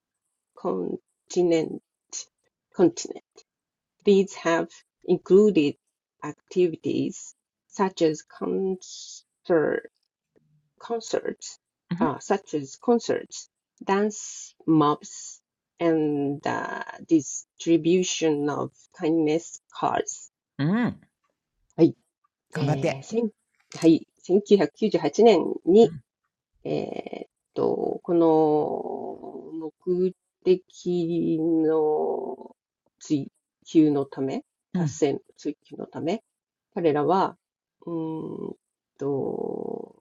continent. continent. These have included activities such as concerts concerts, うん uh, such as concerts, dance mobs, and uh, distribution of kindness cards. ふん、うん、はい。頑張っえー、て。千はい。1998年うに、ん、えーっと、この目的の追求のため、う達ん、成の追求のため、彼らは、うーんと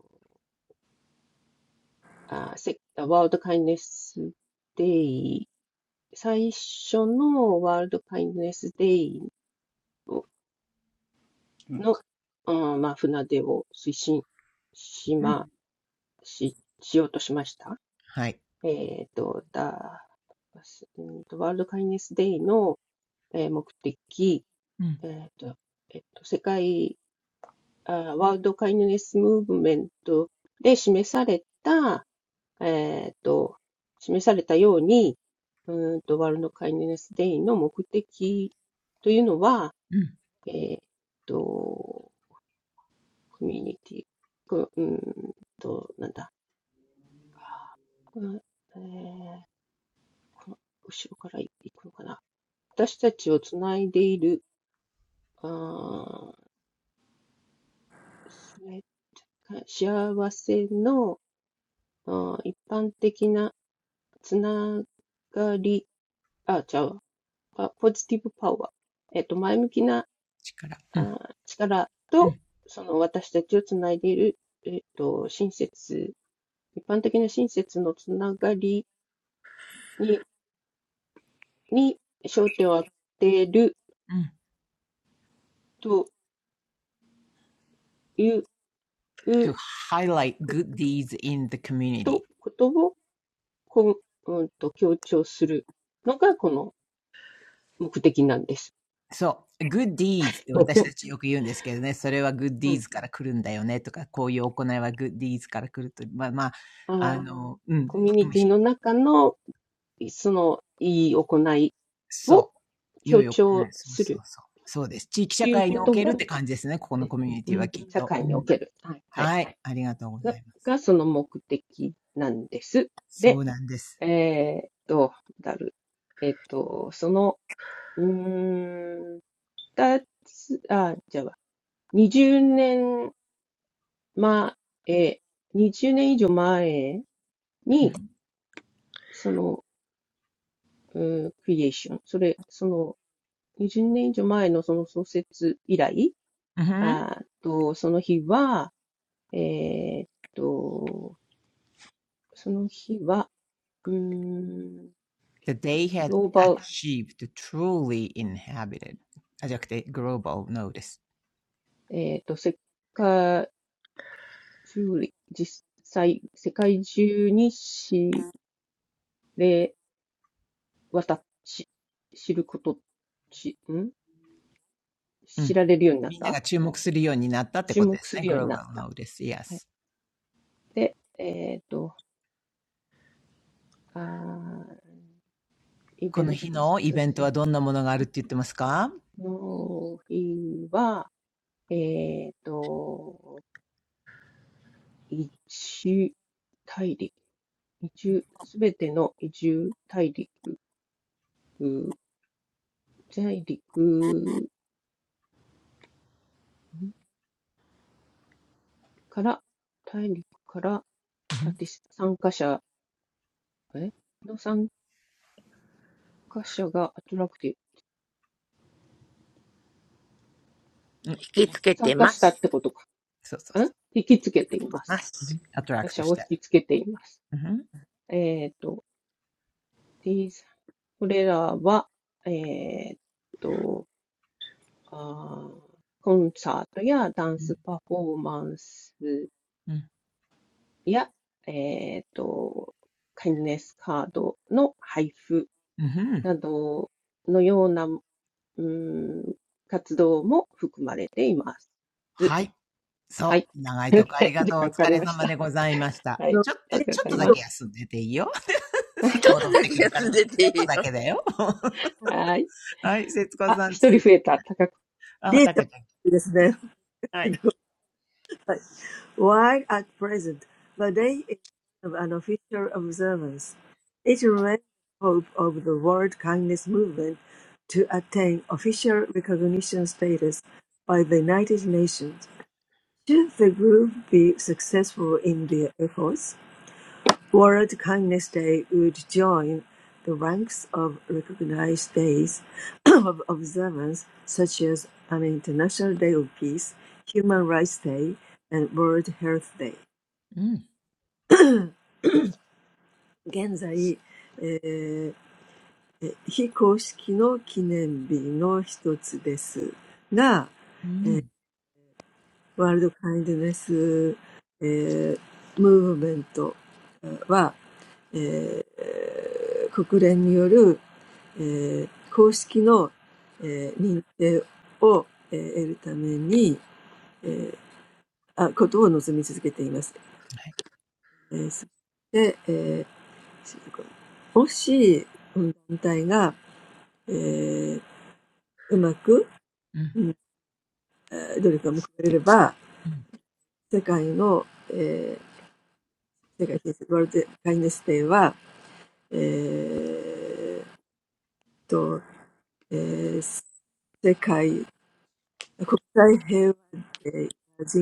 あー、せ、ワールドカインドネスデイ、最初のワールドカインドネスデイをす。の、あーまあ、船出を推進しうま、ん、し、しようとしました。はい。えっと、だ、うんとワールドカインドネスデイの、えー目的、うん、えっと、えっと、世界、あー、ワールドカインドネスムーブメントで示されたえーっと、示されたように、うーんと、ワールドカインドネスデイの目的というのは、うん、えーっと、コミュニティ、こうーんと、なんだ、この、えーこの後ろから行くのかな。私たちをつないでいる、あーそれか幸せのあー一般的なつながり、あ、じゃあ、ポジティブパワー。えっと、前向きな力、うあん、力うと、ん、その私たちをつないでいる、えっと、親切、一般的な親切のつながりに、に焦点を当てるうん。という to highlight こ good deeds in the community. と、ことを、こう、んと強調するのがこの目的なんです。そう、good deeds って私 たちよく言うんですけどね、それは good うん、deeds から来るんだよねとか、こういう行いは good deeds から来ると、まあまあ、ああの、うん、うんコミュニティの中の、その、いい行いをそう、良強い行い、調そうすそうるそう。そうです。地域と社いう会にこおとけるっが、て感じですね、ここうのん、コミュニうティはんきっ社と。会うにおんける。はい、はい。はい、ありがとうござが、います。がその目的なんです。そうで、なんです。えーっと、だる、えーっと、その、うーん、二つ、あ、じゃあ、20年前、20年以上前うに、んその、うん、クリエーション、それ、その、20年以上前のその創設以来、うん あと、その日は、えーっと、その日は、うーん、グ That they had ローバル achieved truly inhabited. あ、じゃなくて global notice. えっと、世界中に、実際、世界中に知れ渡っ、し、知ること、し、んう知ん。られるようになっみんなたが注目するようになったって注ことで目すすね。るように global なった。notice, はい。yes. で、えっと、あー、イこベのント、日のイそベしンて、トはどんなものがあるって言ってますかの日は、えっと、移住大陸、移住、すべての移住大陸、大陸、んから、大陸からうんパティシ参加者、えの参加者がアトラクティブ。うん。引きつけ参て加ましたっす。てことか。そうそうんそう。引きつけていまます。うんす。アトラ他クト者しをて。引きつけています。うんえっ、ーと、these, これらは、えっ、ーと、あコンサートやダンうスん。パフォーマンスうん。や、えっ、ーと、カ i n カードの配布うん。などのようなうーん、活動も含まれています。はい。はそい。う。長いとこあり が時とう。お間かか疲りれまし様でた。ございました。はい。ちょっあと、りがとうちょごっざといだまけす。休んでていいよ。すぐな 戻って気くるがかつら。ち出ていょっといよ。だけだよ。はい。はい。節子あ、さん一人続き。増えた。たか、あ、ほたかちゃん。はい。while at present, the day is of an official observance. It remains the hope of the World Kindness Movement to attain official recognition status by the United Nations. Should the group be successful in their efforts, World Kindness Day would join the ranks of recognized days of observance such as an International Day of Peace, Human Rights Day, and World Health Day. うん。うん。現在、えーえ非公式の記念日の一つですが、えーワールドカインドネス、えームーブメントは、えー国連によるえー、公式の、えー、認定を、えー、得るために、えー、あことを望み続けています。えー、そして、えー、しもし、この団体が、えー、うまく、うんえー努力が報われれば、世界の、えー、世界新ワールドカインネスデーは、えー、と、えー、世界、国際平和で人権ではい。うん。うん。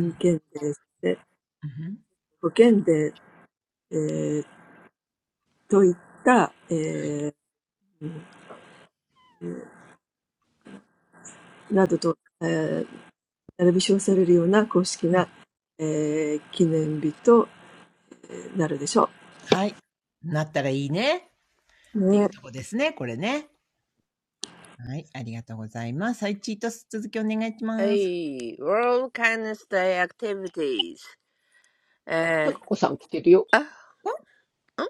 うん。うん。保険で、えー、といった、えー、などと、えー、並び称されるような公式な、えー、記念日とえーなるでしょう。ね。うん。はい。なったらいいね。っていうとこですね。これね。はい。ありがとうございます。はい。チートス続きお願いしはます。い。World Kindness Day Activities. たかえこさん来てるよ。あ、おん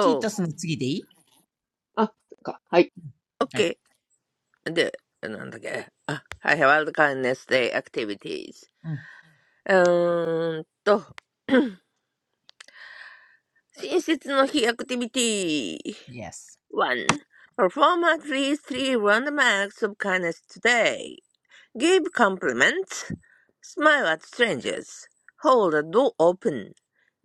チートう、スの次でいい、あ、そっか。はい。はい。OK。で、なんだっけ。あ、はい、World Kindness Day Activities. うん。うーんと、親切の日アクティビティ。Yes. 1. Perform at least 3 random acts of kindness today. Give compliments. Smile at strangers. Hold a door open.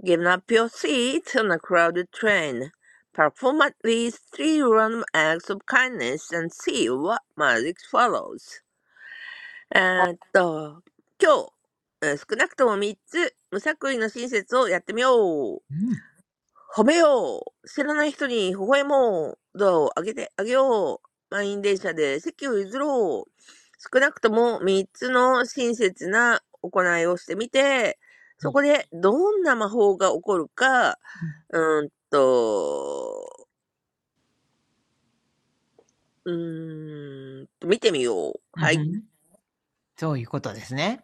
Give up your seat on a crowded train. Perform at least 3 random acts of kindness and see what magic follows. えーっと、今日、えー少なくとも3つ無作為の親切をやってみよう。うん。褒めよう知らない人に微笑もうドアを開けてあげよう満員電車で席を譲ろう少なくとも3つの親切な行いをしてみて、うそこでどんな魔法が起こるか、ん。うーんと、うーんと、見てみよう。うはい。ん。そういうことですね。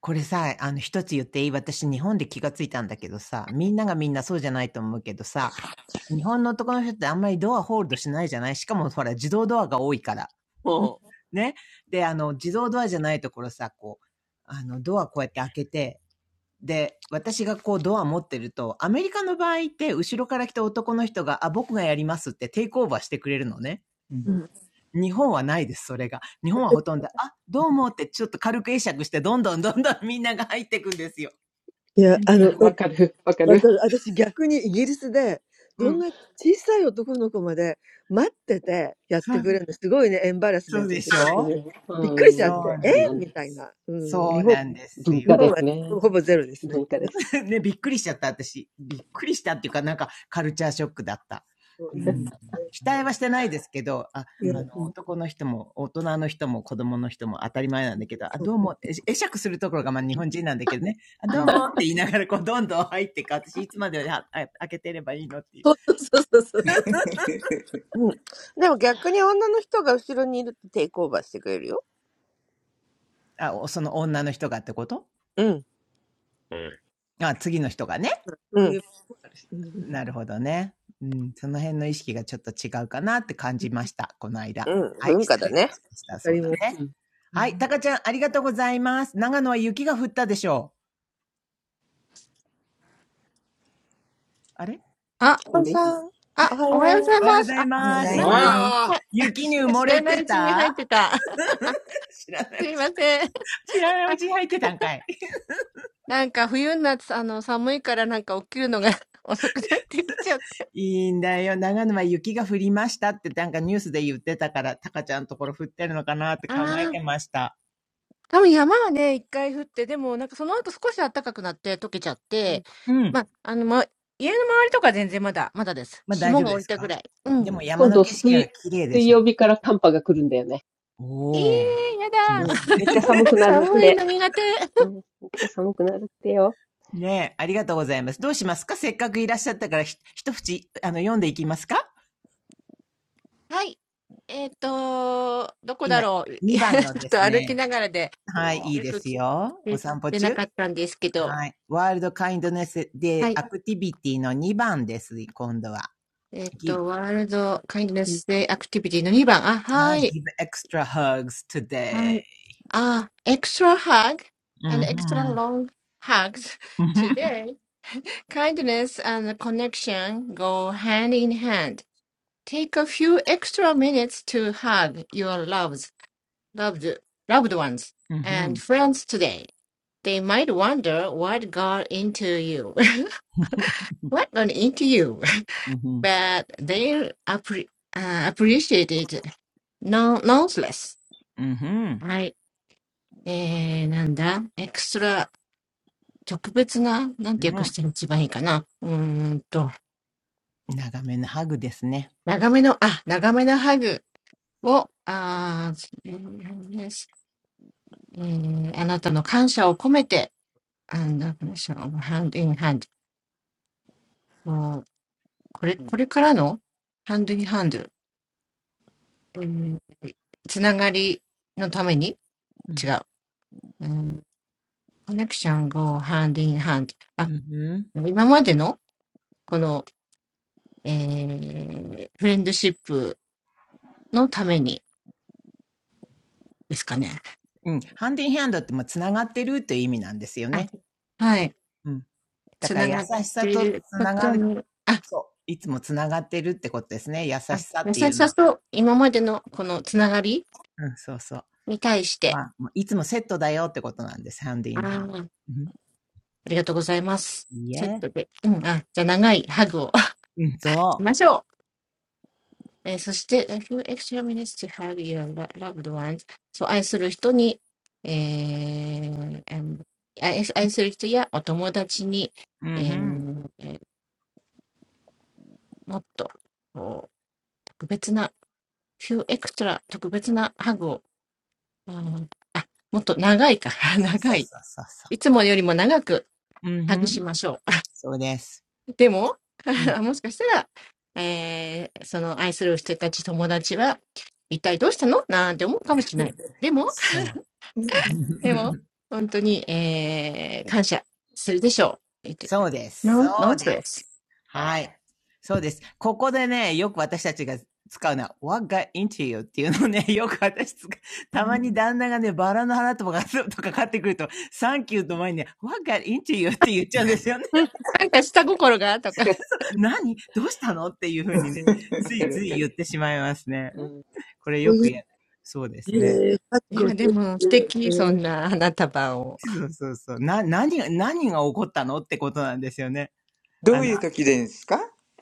これさ、あの、一つ言っていい私、日本で気がついたんだけどさ、みんながみんなそうじゃないと思うけどさ、日本の男の人ってあんまりドアホールドしないじゃないしかも、ほら、自動ドアが多いから。もね。で、あの、自動ドアじゃないところさ、こう、あの、ドアこうやって開けて、で、私がこうドア持ってると、アメリカの場合って、後ろから来た男の人が、あ、僕がやりますってテイクオーバーしてくれるのね。うう、んうん日本はないです、それが。日本はほとんど、あ、どうもってちょっと軽く会釈して、どんどんどんどんみんなが入っていくんですよ。あわかる。わかる。うん。そう、そうでしょうーん。そうそなうの。なんだ。そうなんです文よ。化ですね。文化です。ね、びっくりしちゃった、私。びっくりしたっていうか、なんか、カルチャーショックだった。うう ん。ん期待はしてないですけど、あ、うあんうの、ん。男の人も、大人の人も、子供の人も当たり前なんうだけど、あ、どうも、え会釈するところが、まあ、日ん。本人なんだけどね、あ、うどうんもって言いながら、こう、どんどん入ってか、私、いつまであ開けてればいいのってい う。おうん。でも逆に女の人が後ろにいるとテイクオーバーしてくれるよ。あ、その女の人がってことうん。あ、次の人がね。うん。なるほどね。うん、その辺の意識がちょっと違うかなって感じました、この間。うん。はい、文化失だ礼しね。ました。そうだ そうそうそうそうそうそう。そういうこともあるし。うんわかわかります。うんでそういう、えー、that's ね。うんはい、たちゃん、ありがとうございます。長野は雪が降ったでしょう。あれあ、あこんれさん、あ、おはおはようごよざいおはようまごす。ざいあ、はようごまおはよざす。うごいなざんいか、まます。す。Alright. はい、雪に知埋も知れらなていうちに入ってたた。知らないすういまち、せん。知らないうあ、ちに入ってたんかい。なんか冬になってあの寒いからなんか起きるのが 遅くなってきちゃった。いいんだよ。長野は雪が降りましたってなんかニュースで言ってたから、タカちゃんのところ降ってるのかなって考えあーてました。多分山はね、一回降って、でもなんかその後少し暖かくなって溶けちゃっうんて、うまん。あ、あの、ま、家の周りとか全然まだ、まだです。まあ大霜丈夫がで降りすたぐからい。うでん。も山今の度景色が水、綺麗で水しょ曜日から寒波が来るんだよね。えおお、えやきうだ。ますん。ね。めっ ちゃ寒くなるっ寒いて。の苦手。うん。めっちゃ寒くなるってよ。ねえ、ありがとうございます。どうしますかせっかくいらっしゃったから、ひ一口、あの、読んでいきますかはい。えっ、と、どこだ今、ろう。2番 のちょっでとす歩きね。ながらで。はい、いいですよ。お散歩中。はい。ワールドカインドネスでアよく聞けてなかったんてすけとはいえっとワールトカイントステーアクティヒティの クティビティの2番です。今度は。give, うん。はい、give extra hugs today. hug う and んふ extra ん。long hugs うんふん。today. Kindness and connection go hand in hand. Take a few extra minutes to hug your loves, loved, loved ones うんふ and ん。friends today. They might wonder what got into you. what got into you? うんふん。but they appre uh, appreciated no nonetheless. うんふん。はい。えー、なんだ、エクストラ、特別な、なんてう訳しんたら一番いいかな。うーんと、長めのハグですね。長めの、あ、長めのハグを、あー、えーえーあなたの感謝を込めて、あの、ハンドインハンド。もうこれ、これからのハンドインハンド。えーつながりのためにう違ん。う。コネクション go hand in hand。あ、うんふん。今までの、この、えー、フレンドシップのためにですかね。うん、ハンディンハンドってもうつながってるという意味なんですよあ、ね。はい。うん。だつからな優がっしさていとるつこながとる、に、あ、そう、いつもつながってるってことですね。優しあさっ優ていしうのさは。と今までのこのつながりうん、そうそう。に対しまて、あ、いつもセットだよってことなんです、ハンデあィンヘンド。ーありがとうございます。うん。いいセッえ。トで。うん、あ、じゃあ長いハグを うん、しそましょう。えーそして、if you extra minutes to have your lo- loved ones、そう、愛する人に、えー、a n 愛愛する人やお友達に、う。うんふえん。ーえーもっとこう特別な、few extra 特別なハグを、うんもっと長いから、そうそ長うい。そうそうそいつもよりも長くう。うんふハグしん。ましょそうです。う。でも、うん。もしかしたら、えーその愛する人たち、友達は、一体どうしたのなんて思うかもしれない。でも、そう。でも、本当に、えー、感謝するでしょう。えっと、そうです。なん、なそうんでそれはい。そうです。ここでね、よく私たちが使うのは、what got into you っていうのをね、よく私使う、たまに旦那がね、バラの花とかとか買ってくると、サンキューと前にね、what got into you って言っちゃうんですよね。う。うん。なんか下心がとわか。か 何どうしたのっていうふうにうね、ん、わつかいるわついか言っる。てしまいますね。うん。これよくや、そうですね。いや、good. で Thank も素 you. 敵、そんな花束を。そうそうそう。な、何が、何が起こったのってことなんですよね。どあうの、いう時ですか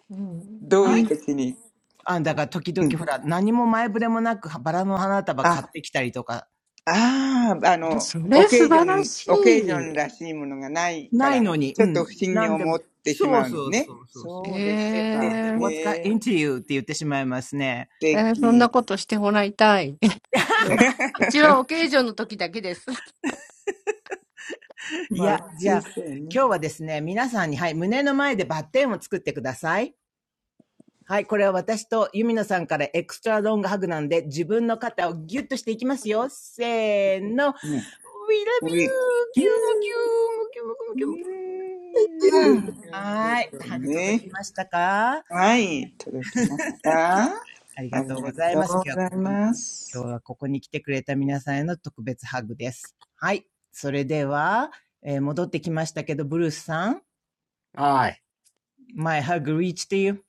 うん。どうはいい。う時に。あ、だから時々うん。ほら、何も前触れもなくバラの花束買あってきたりとかああ、ああの、そオれケ素ージョ晴らン、しオケージョい。ンらしいものがないかないら、のに、うちょっとん。不審なにんで思も、ってしそまううのそうそね。うそうそう。えそうですえ、か。え、ー、what's へ got え、素 into you? って言ってしまいますね。えーそんな敵。ことしてもらいたい。うちはお 形状の時だけです。いまあ、や、普じゃ通あ、そうよね。今日はですね、皆さんに、はい、胸の前でバッテンを作ってください。はい、これは私とユミノさんからエクストラロングハグなんで、自分の肩をギュッとしていきますよ。せーの。We love you! うん。ういうキュームキュームキュームキュームキーューん、ム。うなん。るほはい。どハグ届きね。ましたかはねい、届きました。ありがあとりうごがざいとます。うご今日はざこいこに、ま今日す。はここに来てくれた皆さんへの特別ハグです。はい。それでは、えー戻ってきましたけど、ブルースさん、Alright. My hug reached to you.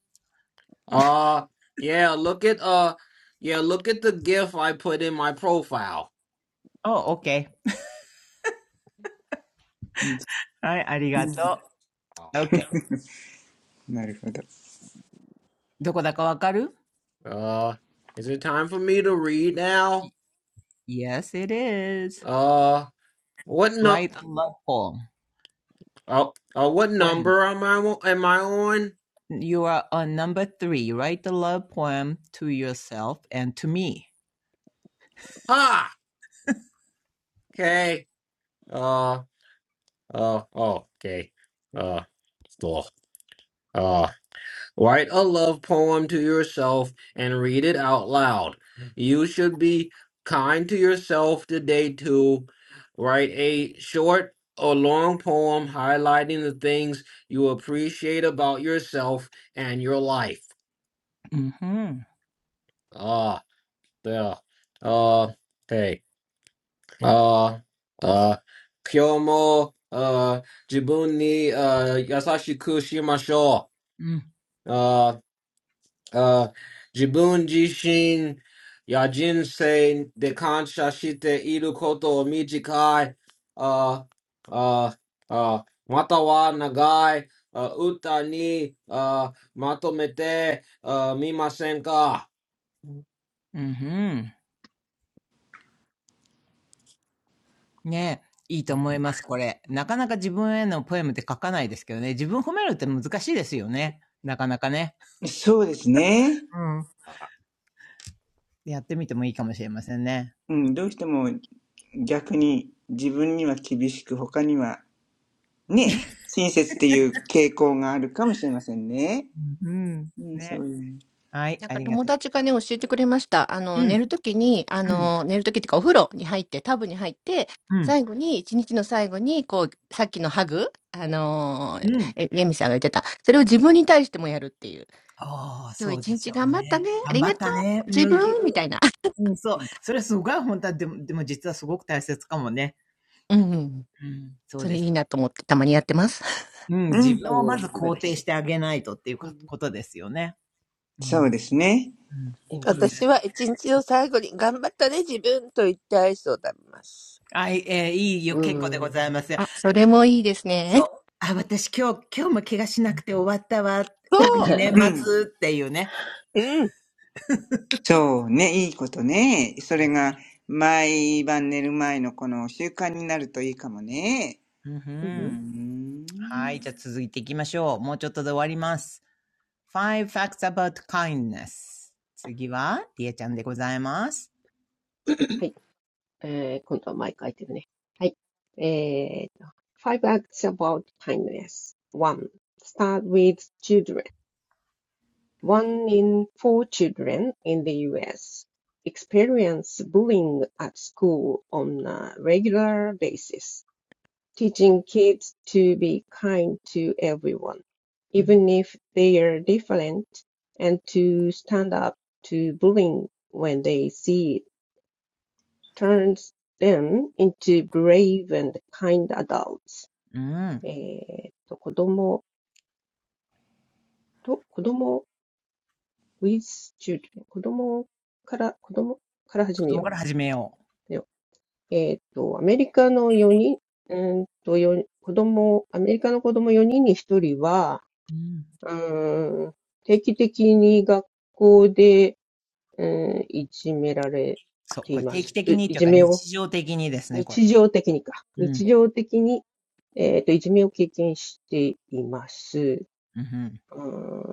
Uh, yeah, look at, uh, yeah, look at the gif I put in my profile. Oh, okay. うん、はい、ありがうとう。Alright. Okay. んなるほど。どこだかわかる Uh, is it time for me to read now? ?Yes, it is. Uh, what no? Write a love poem. Oh, oh, what poem. number am I on- am I on? You are on number three. Write a love poem to yourself and to me. Ha! Okay. Uh, uh, oh, okay. Uh, still. Uh, write a love poem to yourself and read it out loud. You should be kind to yourself today too. Write a short or long poem highlighting the things you appreciate about yourself and your life. うんふん。Uh, the, uh, okay. うん。ああ、ああ、今日も、ああ、自分に、ああ、優しくしましょう。ああ、ああ、自分自身や人生で感謝していることを短い、ああ、ああ、ああまたは長い、ああ歌に、ああ、まとめて、ああ、みませんか？はい。うんふん。ね、いいと思います、これ。なかなか自分へのポエムって書かないですけどね。自分褒めるって難しいですよね。なかなかね。そうですね。うん。やってみてもいいかもしれませんね。うん、どうしても逆に自分には厳しく、他にはね、親切っていう傾向があるかもしれませんね。うん。うん、そね。ういう。はい、なんあかりが友とう。達がね、教えてくれました。あの、う寝ん。るときに、あうん。の、寝るときっていうかお風呂に入って、タブに入って、うん最後に、一日の最後に、こう、さっきのハグ、あのうー、ん。え、レミさんが言ってた。それを自分に対してもやるっていう。ああ、今日そう一でし日ょう頑張ったね。ね。あ頑り張がっとたう。ね。自麦分、みたういな。うん、そう。それすごい本当は、でも、でも実はすごく大切かもね。うんうん。うん、そうそれでいいすよ。なと思って、たまにやってます。うん、自うん、分をまず肯定してあげないとっていうかことですよね。うそうん、ですね。うん。う素ん、晴らし私い。は一日の最後に頑張ったね、自分と言ってアイスを食べます。はい、えー、いいよ、結構でございますよ。あ、それもいいですね。そう。あ、私今日、今日も怪我しなくて終わったわ。そ特う。に年う おお、素晴らしい。うん。エンプレイスで。うーん。はい。えー、今度はマイク開いてるね。はい。えーと、five ん末っていうね。うん。そうね、いいことね。そうそでれすがね。毎晩寝る前のこの習慣になるといいかもね。うんふうんうーふん。ん。はい、ん。じゃあ続いていきましょう。もうちょっとで終わります。Five facts about kindness. 次は、りえちゃんでございます。acts about kindness. One, start with children. One in four children in the US experience bullying at school on a regular basis. teaching kids to be kind to everyone, うん even if they are different, and to stand up to bullying when they see it turns them into brave and kind adults. うん。えっと、子供と、子供 with children。子供から、子供から始子め供かよら始めよう。えーと、アメリカの4人、うんと4、子供、アメリカの子供4人に1人は、う。うん。うん、定期的に学校で、うん、いじめられそう。てこいれま定期す。う的にいというじかめを、日常的にですね、これ。日常的にか。うん。日常的に、えっと、いじめを経験しています。うんううー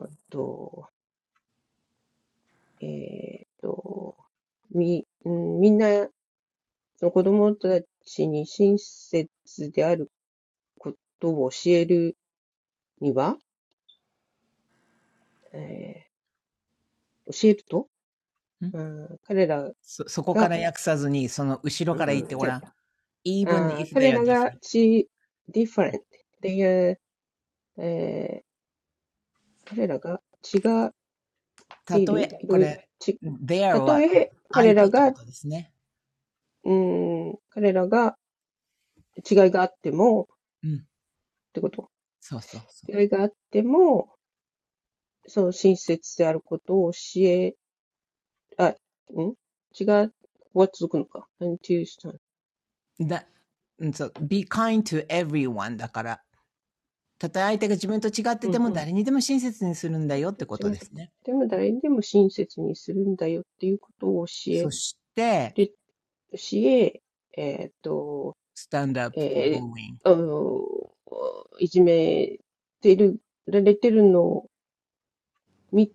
んと、えっと、み、うんみんな、その子供たちに親切であることを教えるには、えー教えると、んうん、彼らそ、そこかが、ら訳さずに、その後ろうから言っん。てごらん。even あー if they 彼 are らが different. ち different っていう、えー彼らが違ってたいとる、え、いころいろ、れ、ち、there たとはえ彼相手らってが、こうとですね。ーん、彼らが違いがあっても、っうん。てこと。そうそうそ違いがあっても、その親切であることを教え、あ、ん違う、ここは続くのか。何ていうしたう。だ、そう、be kind to everyone だから、たとえ相手が自分と違ってうてん。も誰にでも親切にするんだよってこと違っでて、すね。でも誰にでも親切にするんだよっていうことを教そえる、して、教ええーっスタンドアップフォー g え o i ー、あの、いじめてる、られてるのを見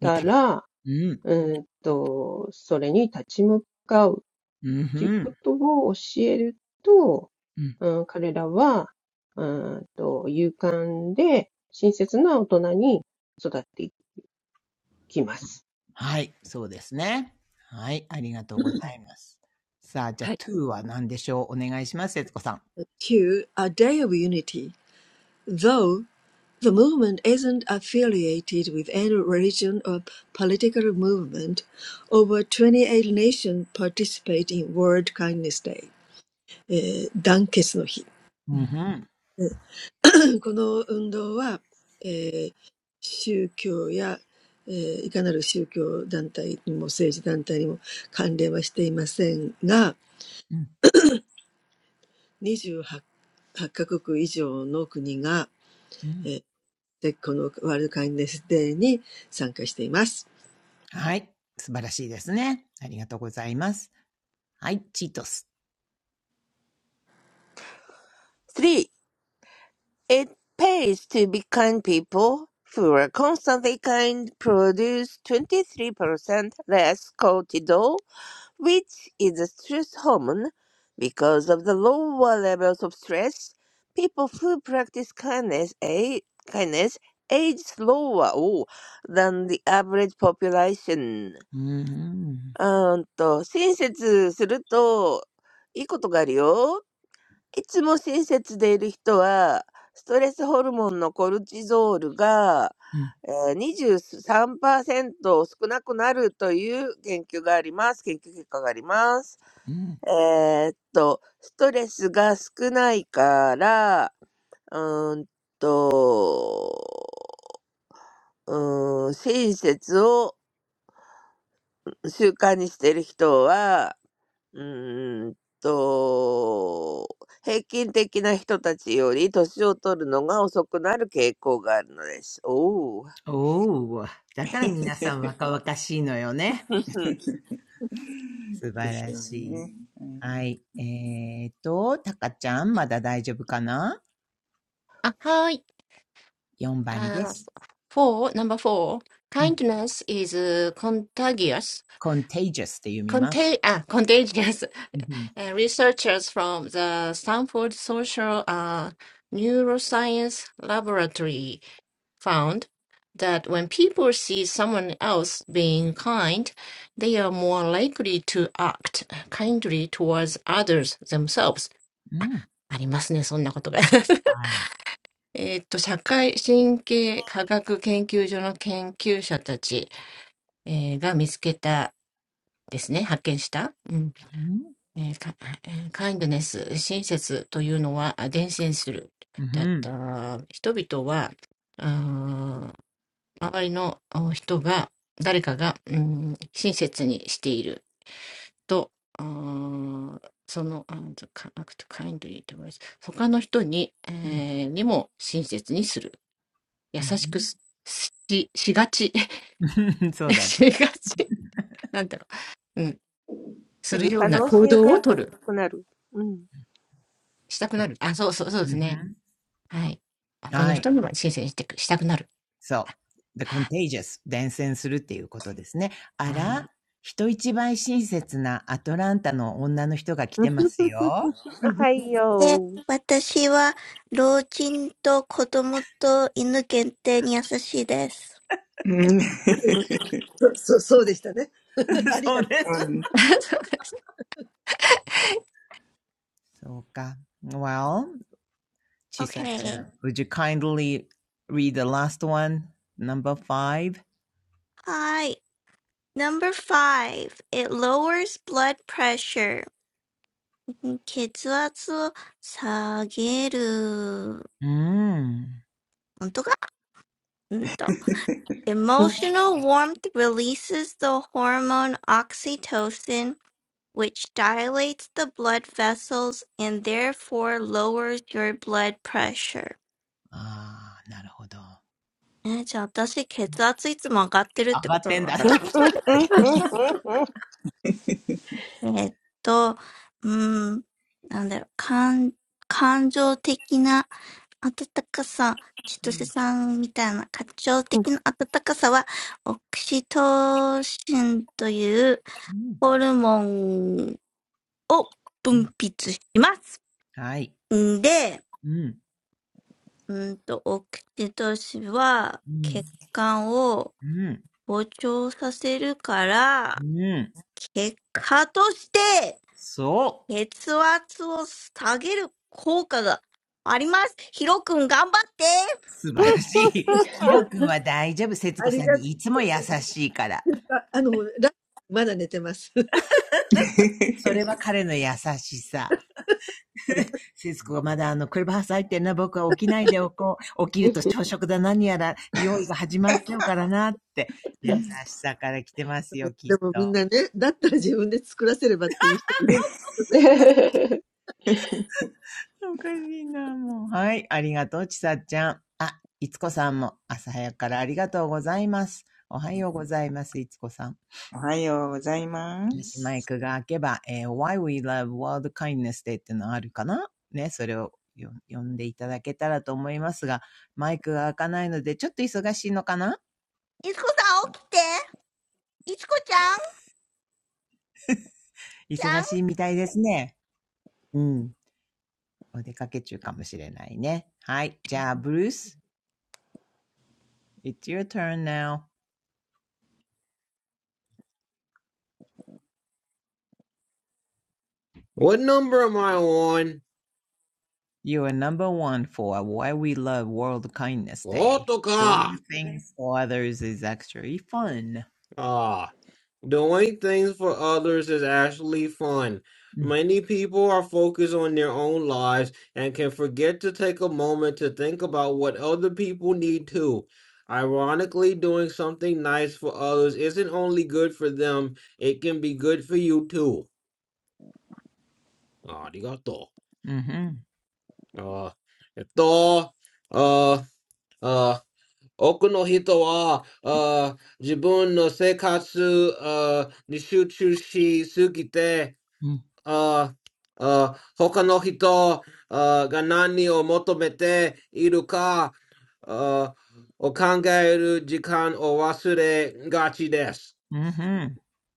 見たたら。ら、うん。うーんと、それに立ち向かうっうんふていうこん。とを教えると、うん。うん、彼らは、うーんと、勇敢で親切な大人に育っていきまうんす。はい。そうですね。はい。ありがとうござはい。います。さあ、じゃあ to は何でしょうお願いします、節子さん。day of unity. Though the movement isn't affiliated with any religion or political movement, over 28 nations participate in World Kindness Day. えー、団結の日。うんふん。うん。うん。この運動は、えー宗教や、えーいかなる宗教団体にも政治団体にも関連はしていませんが、28カ国以上の国が、えーでこのワールドカインネスデーに参加しています。うんそうそうそうでしたね。ありがとう。ありがとう。ああの、ラまだ寝てます。はい。素晴らしいですね。ありがとうございます。はい。チートス。3. It pays to be kind people who are constantly kind produce 23% less cortisol which is a stress hormone. Because of the lower levels of stress, people who practice kindness, a- kindness age slower oh, than the average population. うんうん。うーんと、親切するといいことがあるよ。いつも親切でいる人は、ストレスホルモンのコルチゾールが、うん。えー23%少なくなるという研究があります。研究結果があります。うん。えーっと、ストレスが少ないから、うーんと、うーん、親切を習慣にしてる人は、うーんと、平均的な人たちより年を取るのが遅くなる傾向があるのです。おお。おー。だから皆さん 若々しいのよね。ふんふん素で晴すらよしい。ね。うん。はい。えーと、たかちゃん、まだ大丈夫かな あ、はーい。?4 番であー、す。4、ナンバー4。うん。Kindness is contagious. contagious って読みます。Contag ah, contagious うん uh, researchers from the Stanford Social uh, Neuroscience Laboratory found that when people see someone else being kind, they are more likely to act kindly towards others themselves. うん。はい。ありますね、そんなことが。えーっと、社会神経科学研究所の研究者たち、えーが見つけたですね、発見した。うんん。えーかえーカインドネス、親切というのはあ伝染する。うんだっん。た人々は、あー周りのあ人が、誰かが、うん親切にしていると、あーその、あーか act kindly towards 他の人に、うん えーにも親切にする。優しくすし、しがち。そ うだね。しがち。なんだろう。うん。す知るるよう可な能行性動をがとる。高くなる。うん。したくそなう。る。あ、そうそう、そうでうすんね。ん。はい。他のはい。人にも申請してくしたくなる。そう。the contagious 伝染するっていうことですね。あら、うん、人一倍親切なアトランタの女の人が来うてんますよ。はいよー。で、私は老人と子供と犬限定に優しいです。Okay. う そうです。そうか。Well, Chisa-chan, would you kindly read the last one, number five? Hi. Number five. It lowers blood pressure. うーん。ん血圧を下げる。本当かうんと。Emotional うんうんう warmth releases the hormone oxytocin, which dilates the blood vessels and therefore lowers your blood pressure. ああ、なるほど。えーじゃあ私、血圧いつも上がってるっ上てがこっとてなんのだ。かな んうんうんえーっと、うーん、なんだろう、感、感情的な温かさ、千う歳んさんみたいな感情うん的な温かさは、オキシトシンといううんホルモンをう分ん泌します。はい。んで、うん。うーんと、オキシトシンはうん。血管をうん。膨張させるから、うん。結果として、そう。血圧を下げる効果があります。ヒロくん頑張って。素晴らしい。ヒロ君は大丈夫。節子さんにいつも優しいから。それは彼の優しさ。シスコがまだあの、クルブハウス入ってんな、僕は起きないでおこう。起きると朝食だ何やら、用意が始まっちゃうからなって、優んしさから来てますよ、きっと。おかしいな、もう。はい、ありがとう、ちさちゃん。あ、いつこさんも、朝早くからありがとうございます。おはようございます、いつこさん。おはようございまもしす。マイクが開けば、えー Why We Love World Kindness Day ってのあるかなね、それをよ読んでいただけたらと思いますが、マイクが開かないので、ちょっと忙しいのかな いつこさん起きて。いつこちゃんちゃ 忙しいみたいですね。うん。お出かけ中かもしれないね。はい。じゃあ、ブルース、It's your turn now. What number am I on? You are number one for Why We Love World Kindness What's Day. the car? Doing things for others is actually fun. Ah. Doing things for others is actually fun. Many people are focused on their own lives and can forget to take a moment to think about what other people need too. Ironically, doing something nice for others isn't only good for them, it can be good for you too. うん。うんふん。うん。うんふん。うん。うんふん。Arigato. Uh, ito, uh, uh, oku no hito wa, uh, jibun no sekatsu, uh, nishuchu shi sugite.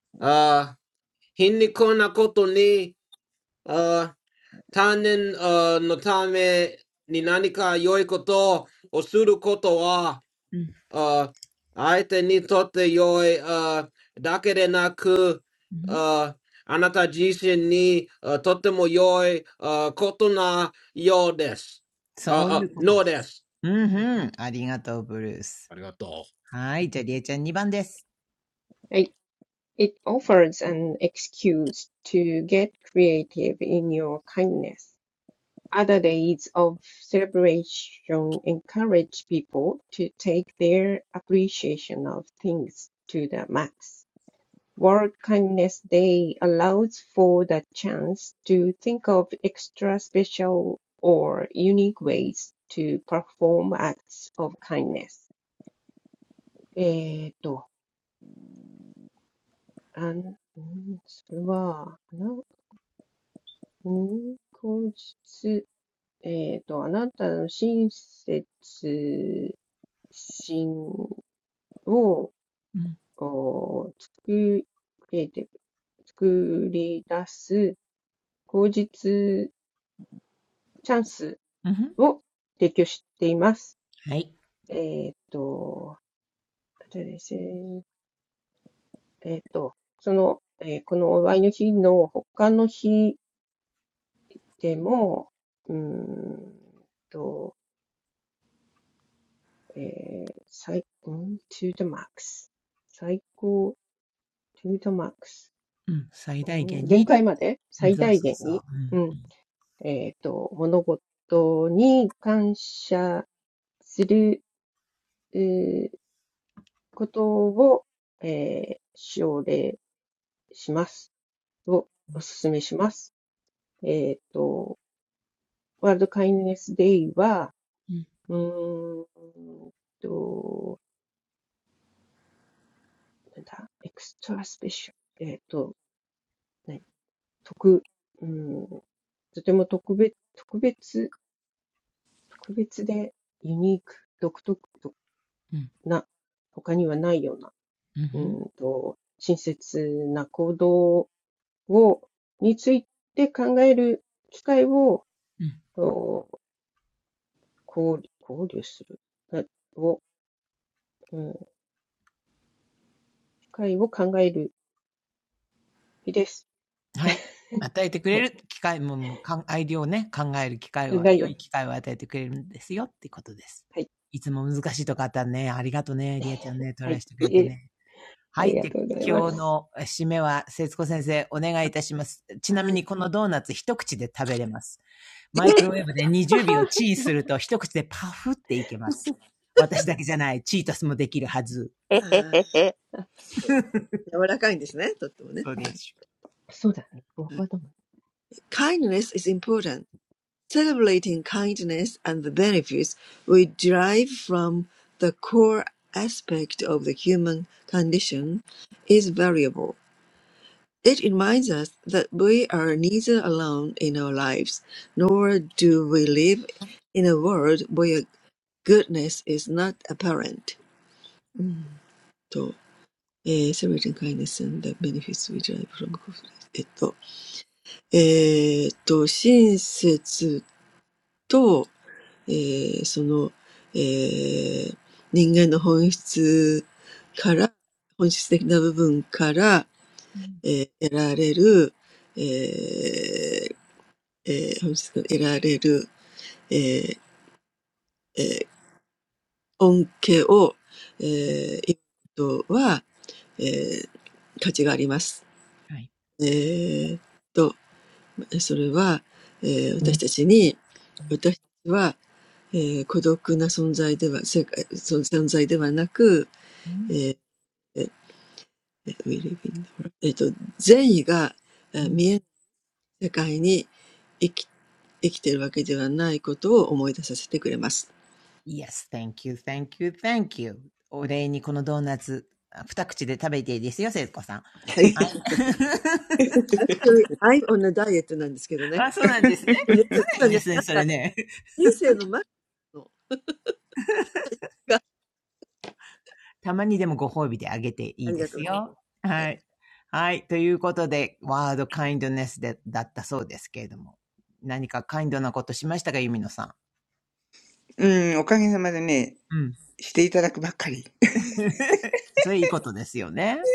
あーあー、他の人あーが何を求めているかあーを考える時間を忘れがちです。あー皮肉なことに、あー他人あーのために何か良いことをすることは uh aite ni tote yoi uh dakere naku uh anata jishi ni uh, tote yoi uh koto na yo desu そ uh, うい uh うことで no す。desu うんうん。ありがとう、ブルース。arigato はい。じゃあ、りえちゃん2番です。はい。It offers an excuse to get creative in your kindness. Other days of celebration encourage people to take their appreciation of things to the max. World Kindness Day allows for the chance to think of extra special or unique ways to perform acts of kindness. えーと、あん、んそれは、あな、ん当日、えーと、あなたの親切信をうん。お作れて、作り出す口実チャンスうんふん。を提供しています。はい。えっと、あとですね、えっと、その、えーこのお祝いの日の他の日でも、うーんと、えー、最高、うん to the max。最高、to the max。うん。最大うん、限限に。界までうん、最そう大そう限そに。う。ううん。んうんえっと、物事に感謝する、えーことを、えー奨励します。をお勧めします。えっと、ワールドカインネスデイは、うん。うーんと、なんだ、エクストラスペシャル。えっと、何特、うん、とても特別、特別、特別でユニーク、独特うん。な、他にはないようなうんふうん。んと、親切な行動を、について考える機会を、うん。交流交流するを、うん、機会を考える日です。はい。与えてくはれい。る機会も、もうかん、アイディアをね、考える機会考は、え良や。い機会を与えてくれるんですよってことです。はい。いつも難しいとこあったね。ありがとうね。りえちゃんね、トはライい。してくれてえ、ね。あはい。りがで、とうございま今日す。の締めは、節子先生、お願いいたします。ちなみにこのドーナツ一口で食べれます。マイクロウェーブで20秒チンすると一口でパフっていけます。う私ん、だけじゃない、チータスもできるはず。へへへへ でもみんなね、だったら自分で作らせればっていう人もいるんです。はい。あー柔らかいんですね、とってもね。Kindness あそうです。そうだね。僕はどうも is important. Celebrating kindness and the benefits we derive from the core aspect of the human condition is valuable. It reminds us that we are neither alone in our lives, nor do we live in a world where goodness is not apparent. えー、全てに介入するんだベネフィス which I from えっと、えー、っと、親切と、えー、その、えー、人間の本質から、本質的な部分から、えー、得られる、えーえー、本質から得られる、えーえー、恩恵を、えー、今は、えー、価値があります。えー、と、はい。それは、えー私たちに、私たちは、えー孤独な存在では、世界、その存在ではなく、えーえー うん、うん Yes, thank you, thank you, thank you. お礼にこのドーナツ、二口で食べていいですよ、聖子さん。はい。i I'm on a diet あ、そうなんですね。常にですね、それね。なんですけどね。今ね、今ねなんか人生のマックスのが、ありがとうございます。たまにでもご褒美であげていいですよ。はい。はい。ということで、ワードカインドネスで、だったそうですけれども。何かカインドなことしましたか、ユミノさうん、おかげさまでね、ん。うん。していただくばっかり。それいいことですよね。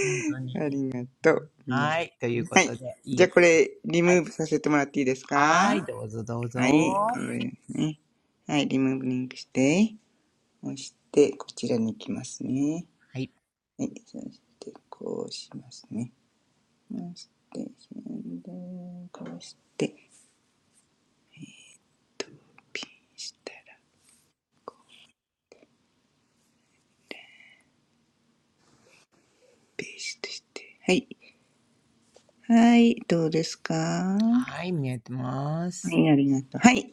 本当あに。りがとう。皆さはい。といん。うこはい。とで、じゃあこいいれ、リはムい。ーブさせてもらっていいですかはい。どうぞどうはい。ぞ。これですね。はい。リムーブリンクして、押して、こちらに行きますね。はい。はい。そして、こうしますね。押して、で、こうして、と、ピンしたら、ペーストして。はい。はい。どうですかはい、見えてまはす。い、ありがとう。はい。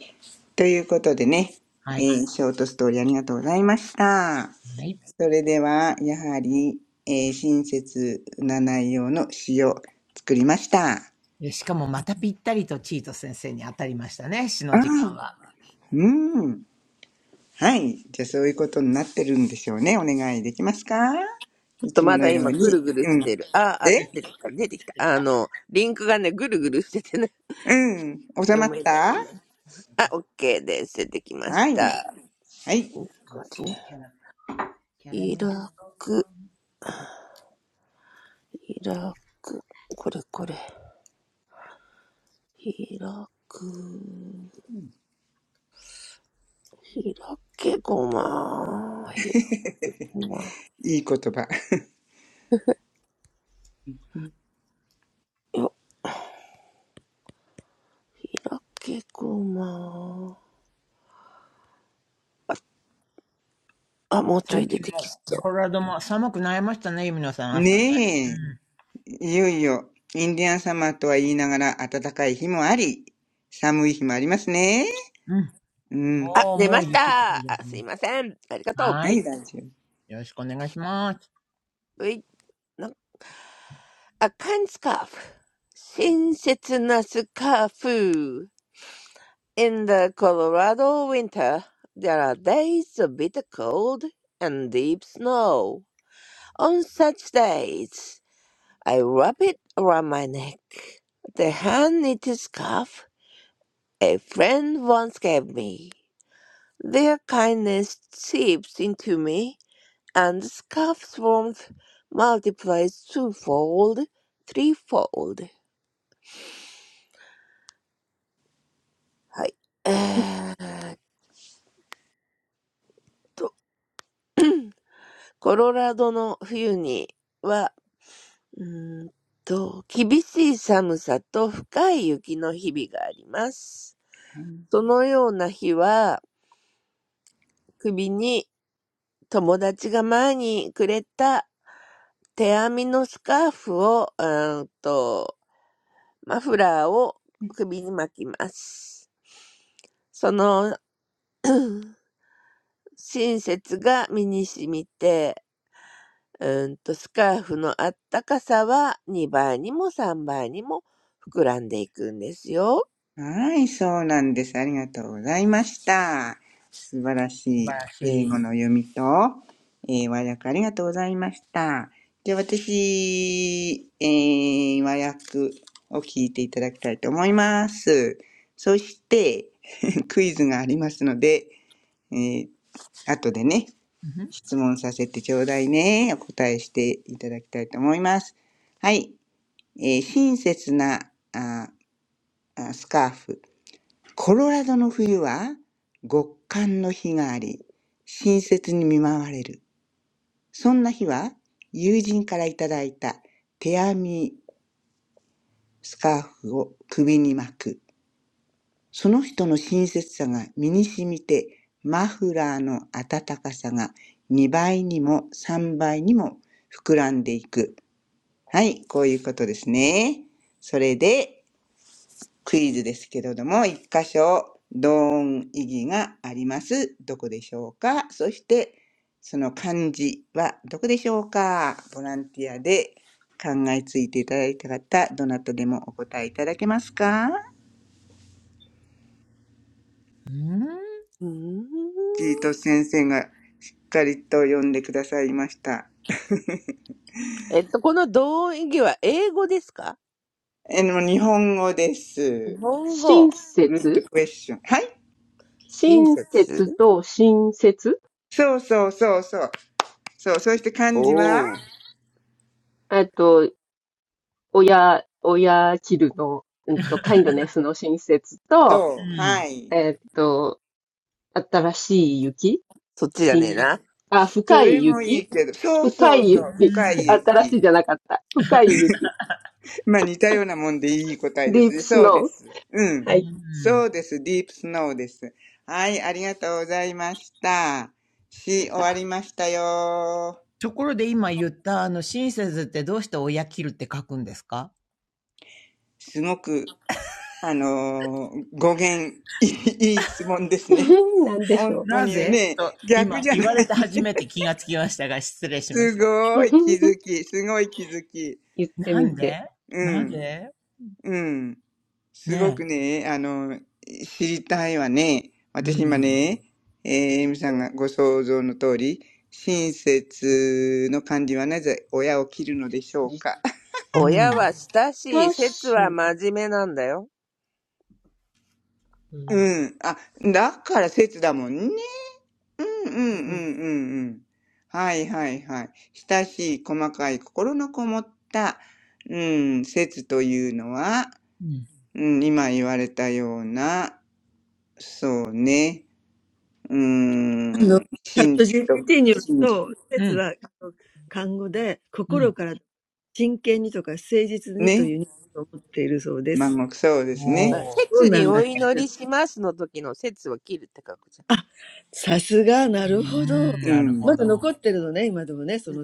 ということでね、はえい。ーショートストーリーありがとうございました。はい。それでは、やはり、えー親切な内容の詩を作りました。あでしかもまたぴったりとチート先生に当たりましたね、詩あ、の時間は。うん。はい。じゃあ、そういうことになってるんでしょうね。お願いできますかいつともまのだよう今ぐに。るぐるうしん。てる。あーあ、ぐえ出てしきた、出てきた。てきあた。の、リンクがね、ぐるぐるしててね、うん。収ま読っめなたいな。あ、私オッケーです。出てきまはしい。た。はい。のこっち好ね。きキャラ、キャラ開メル。く、開く、これこれ。開く、開けごま、開くごま。いい言葉。よ、開けごま。あ、もうちょ最い出近てもきそう、コう。ロラドも寒くなりましたね、ゆみのさん、朝ね。ねえ。いよいよ、インディアンサマーとは言いながら、暖かい日もあり、寒い日もありますね。うん。ううん。ん。あ、もう、出もまうし雪が降た。りであ、すすね。いません。ありがとう。ははい、い。大丈夫。よろしくお願いします。うい。A kind scarf, 親切なスカーフ In the Colorado winter, there are days of bitter cold and deep snow. On such days, I wrap it around my neck. The hand-knitted scarf a friend once gave me. Their kindness seeps into me, and the scarf's warmth multiplies twofold, threefold. はい。えーっと、コロラドの冬には、うーんと、厳しい寒さと深い雪の日々があります。そのような日は、首に友達が前にくれた手編みのスカーフを、うーんと、マフラーを首に巻きます。その親切が身に染みてうーんと、スカーフのあったかさは2倍にも3倍にも膨らんでいくんですよ。はい、そうなんです。ありがとうございました。素晴らし素晴いらし英語い。の読みと、えー、和訳ありがとうございました。じゃあ私、えー、和訳を聞いていただきたいと思います。そして、クイズがありますので、えー後でねうんん。質問させてちょうだいね。お答えしていただきたいと思います。はい。えー親切なああスカーフ。コロラドの冬は極寒の日があり、親切に見舞われる。そんな日は友人からいただいた手編みスカーフを首に巻く。その人の親切さが身に染みて、マフラーの暖かさが2倍にも3倍にも膨らんでいく。はい、こういうことですね。それで、クイズですけれども、一箇所、同音異義があります。どこでしょうかそして、その漢字はどこでしょうかボランティアで考えついていただいた方、どなたでもお答えいただけますかうん。うーん。ジート先生がしっかりと読んでくださいました。えっと、この同音異義は英語ですかえの、日本語で日す。本語。親グッド切クエスチョン。はい親親切切と親切そうそうそうそう。そう、そして漢字はおおあと、親、親キルの、うんと、カインドネスの親切と、うそう、はん。い。えっと、新しい雪そっちじゃねえ新、な。あ、そ深れいもいい雪けど、そう深そういそう、雪。うん。深い 新し雪。いじゃなかった。深い雪。まあ似たようなもんでいい答えでディすープね。スそうでノー。す。ううん。はい。ん。そうです。ディープスノーです。はい、ありがとうございました。やし、っ終わた。りましたよ。ところで今言ったあの親切ってどうして親切るって書くんですかすごく、あのー語源、いいいい質問ですね。なんでし本ょ当なにぜね、と逆今じゃ言ないわれね。て初めて気がつきましたが失礼しますすごう。い気づ き、すごい気づき。言ってなみんて。でうなん、ぜうん。すごねくね、あの、知りたいわね。え。う私今ん。ね、えー、エミさんがご想像の通り、親切の漢字はなぜ親を切るのでしょうか。う親ん。は親しい、親節しはい。真面目なんだよ。ううん、ん。あ、だから節だもんね。うんうんうんうん、うん。はいはいはい。親しい細かい心のこもった、うん、節というのは、うん。うん、今言われたような、そうね、う あの、ChatGPT によると、施設は、あの、漢語で、心から真剣にとか誠実にという意味と思っているそうです。そうなんだけど。あ、さすが、なるほど。まだ残ってるのね、今でもね、その説がね。なるほど。はい。うん。はい。あの、ね、私も、あの、今日初めて、7、7年以上生きていて、今日初めて、ね、誠実、誠実にという意味があるそうです。ん、信と、信うん。うん。ね。まあもうそうですだから、ね。おー。節にお祈りしますの時の節を切るって書くじゃん。うーん、うなるん。ほど。うん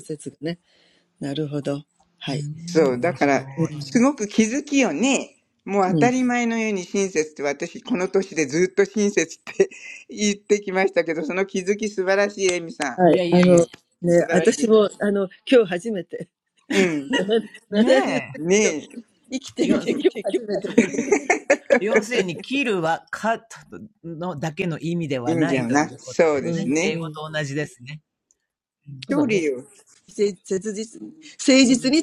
う ーそん、う。だ面から、白すごく気づきよね。もう当たり前のように親切って私、この年でずっと親切って 言ってきましたけど、その気づき素晴らしい、エミさん。い。いやいやいやいや。素晴らしい。うん。ねえ。ねえ。要うんするに、切るは、カットのだけの意味でいはいんなじいゃといな。うことそうででうすすね。ん、英ね。う語ん。と同じですね。そう距だね。離を、うん、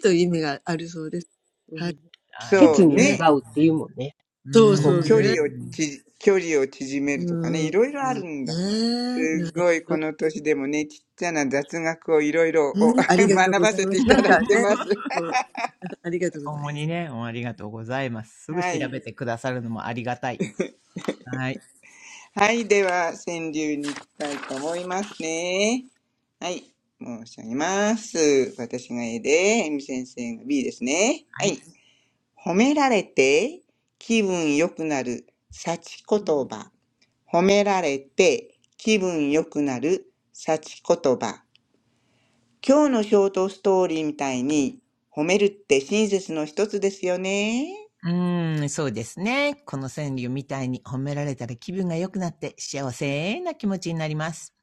うん。あり、そ切うにね。願うっていうもんね。ううこん。う、距ー離をん。ち、距離を縮めるとかね、いろいろあるんだ。すごい、こね。そうそうね。うん。ねなるほど。ねありがとうございます。なんかね、そう、ありがとうございます。の年でもね、ちっちゃな雑学をいろいろお 学ばせていただいてます。ともにね、ありがとうございます。すぐは調い。べてくださるのもありがたい。はい。はい、では、川柳に行きたいと思いますね。はい。申し上げます。私が A で、エミ先生が B ですね。ははい。い。褒められて気分良くなる幸言葉。褒められて気分良くなる幸言葉。今日のショートストーリーみたいに、褒めるって親切の一つですよね。うーん、そうですね。この川柳みたいに褒められたら気分が良くなって幸せな気持ちになります。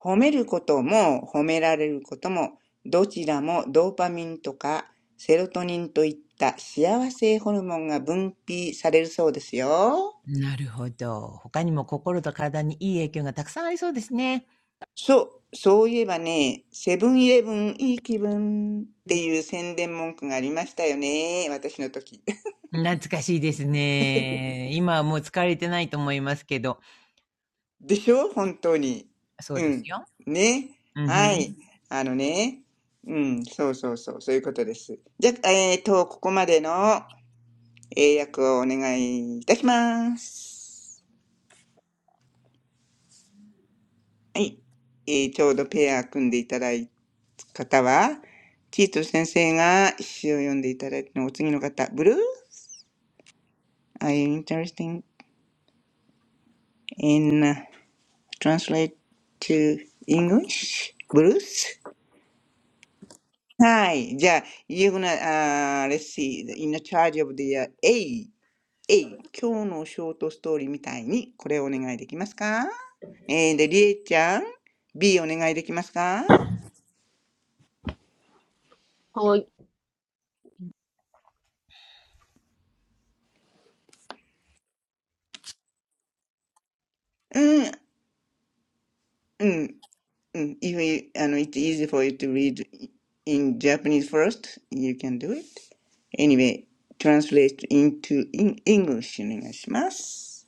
褒めることも褒められることも、どちらもドーパミンとかセロトニンといった幸せホルモンが分泌されるそうですよ。なるほど。他にも心と体にいい影響がたくさんありそうですね。そう、そういえばね、セブンイレブンいい気分っていう宣伝文句がありましたよね、私の時。懐かしいですね。今はもう使われてないと思いますけど。でしょ本当に。そううですん。よ。ね。うんふはい。ん。あのね。うん。そうそうそう。そういうことです。じゃあ、えっと、ここまでの英訳をお願いいたします。はい。えーちょうどペア組んでいただいた方は、キート先生が詩を読んでいただいたのお次の方、ブルー Are you interested in uh, translate to English? Bruce? はい。じゃあ、you're gonna, uh, let's see, in the charge of the, uh, A, A、今日のショートストーリーみたいに、これをお願いできますかえー、で、りえちゃん、B お願いできますかはい。うん、うん、うん。If you, あの、it's easy for you to read in Japanese first, you can do it. Anyway, translate into in English お願いします。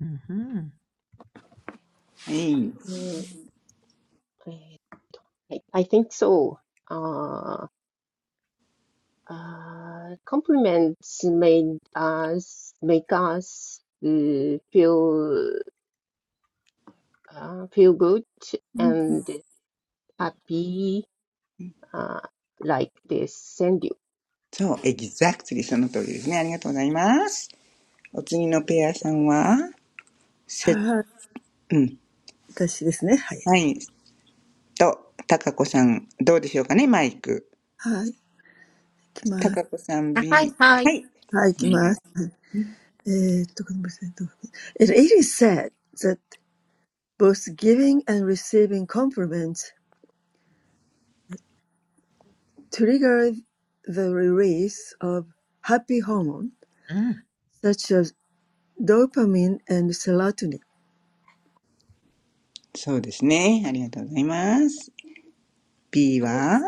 うんふん。はい。うん、えはい。I think so. ああ。Uh, compliments made us make us uh, feel uh, feel good and happy uh, like they send you. そう、exactly その通りですね。ありがとうございます。お次のペアさんは、せ、うん、はい、とタカコさん、どうでしょうかね、マイク。タカはい。私ですね。はい。はい。いきます。はい、いきます。はいえーっと、ごめんなさい。どう コさん は B、い、ははい。い、お願いします。It is said that both giving and receiving compliments trigger the release of happy hormones うん。such as dopamine and serotonin. そうですね、ありがとうございます。B はい。はいは、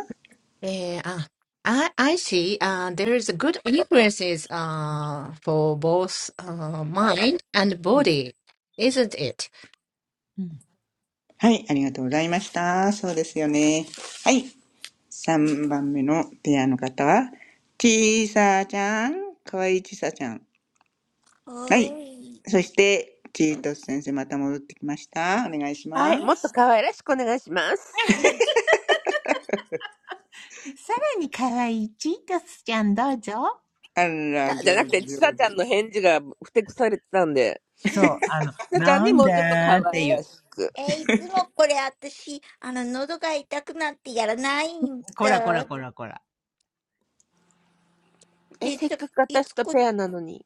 えー、あ、I, I see, uh, there is a good influences uh, for both uh, mind and body, isn't it? うんはい、ありがとうございました。そうですよね。はい、3番目のペアの方、ちいさちゃん、かわいいちいさちゃん。んはい、おーい。そして、チートス先生、また戻ってきました。お願いしはまい、もっとす。可愛らしくお願いします。さらに可愛いチータスちゃんどうぞ。あら、あじゃ上なく手、て、ち上さちゃん手。の返事がふてくされてたんで、そう、あの、なちゃんなにんもうちょっと可だー愛っていえ、らう。しく。え、いつもこれ私、あの、喉が痛くなってやらないんこらこだ。らこらこら。え、いせっつ、かくい私つとこ、ペアなのに。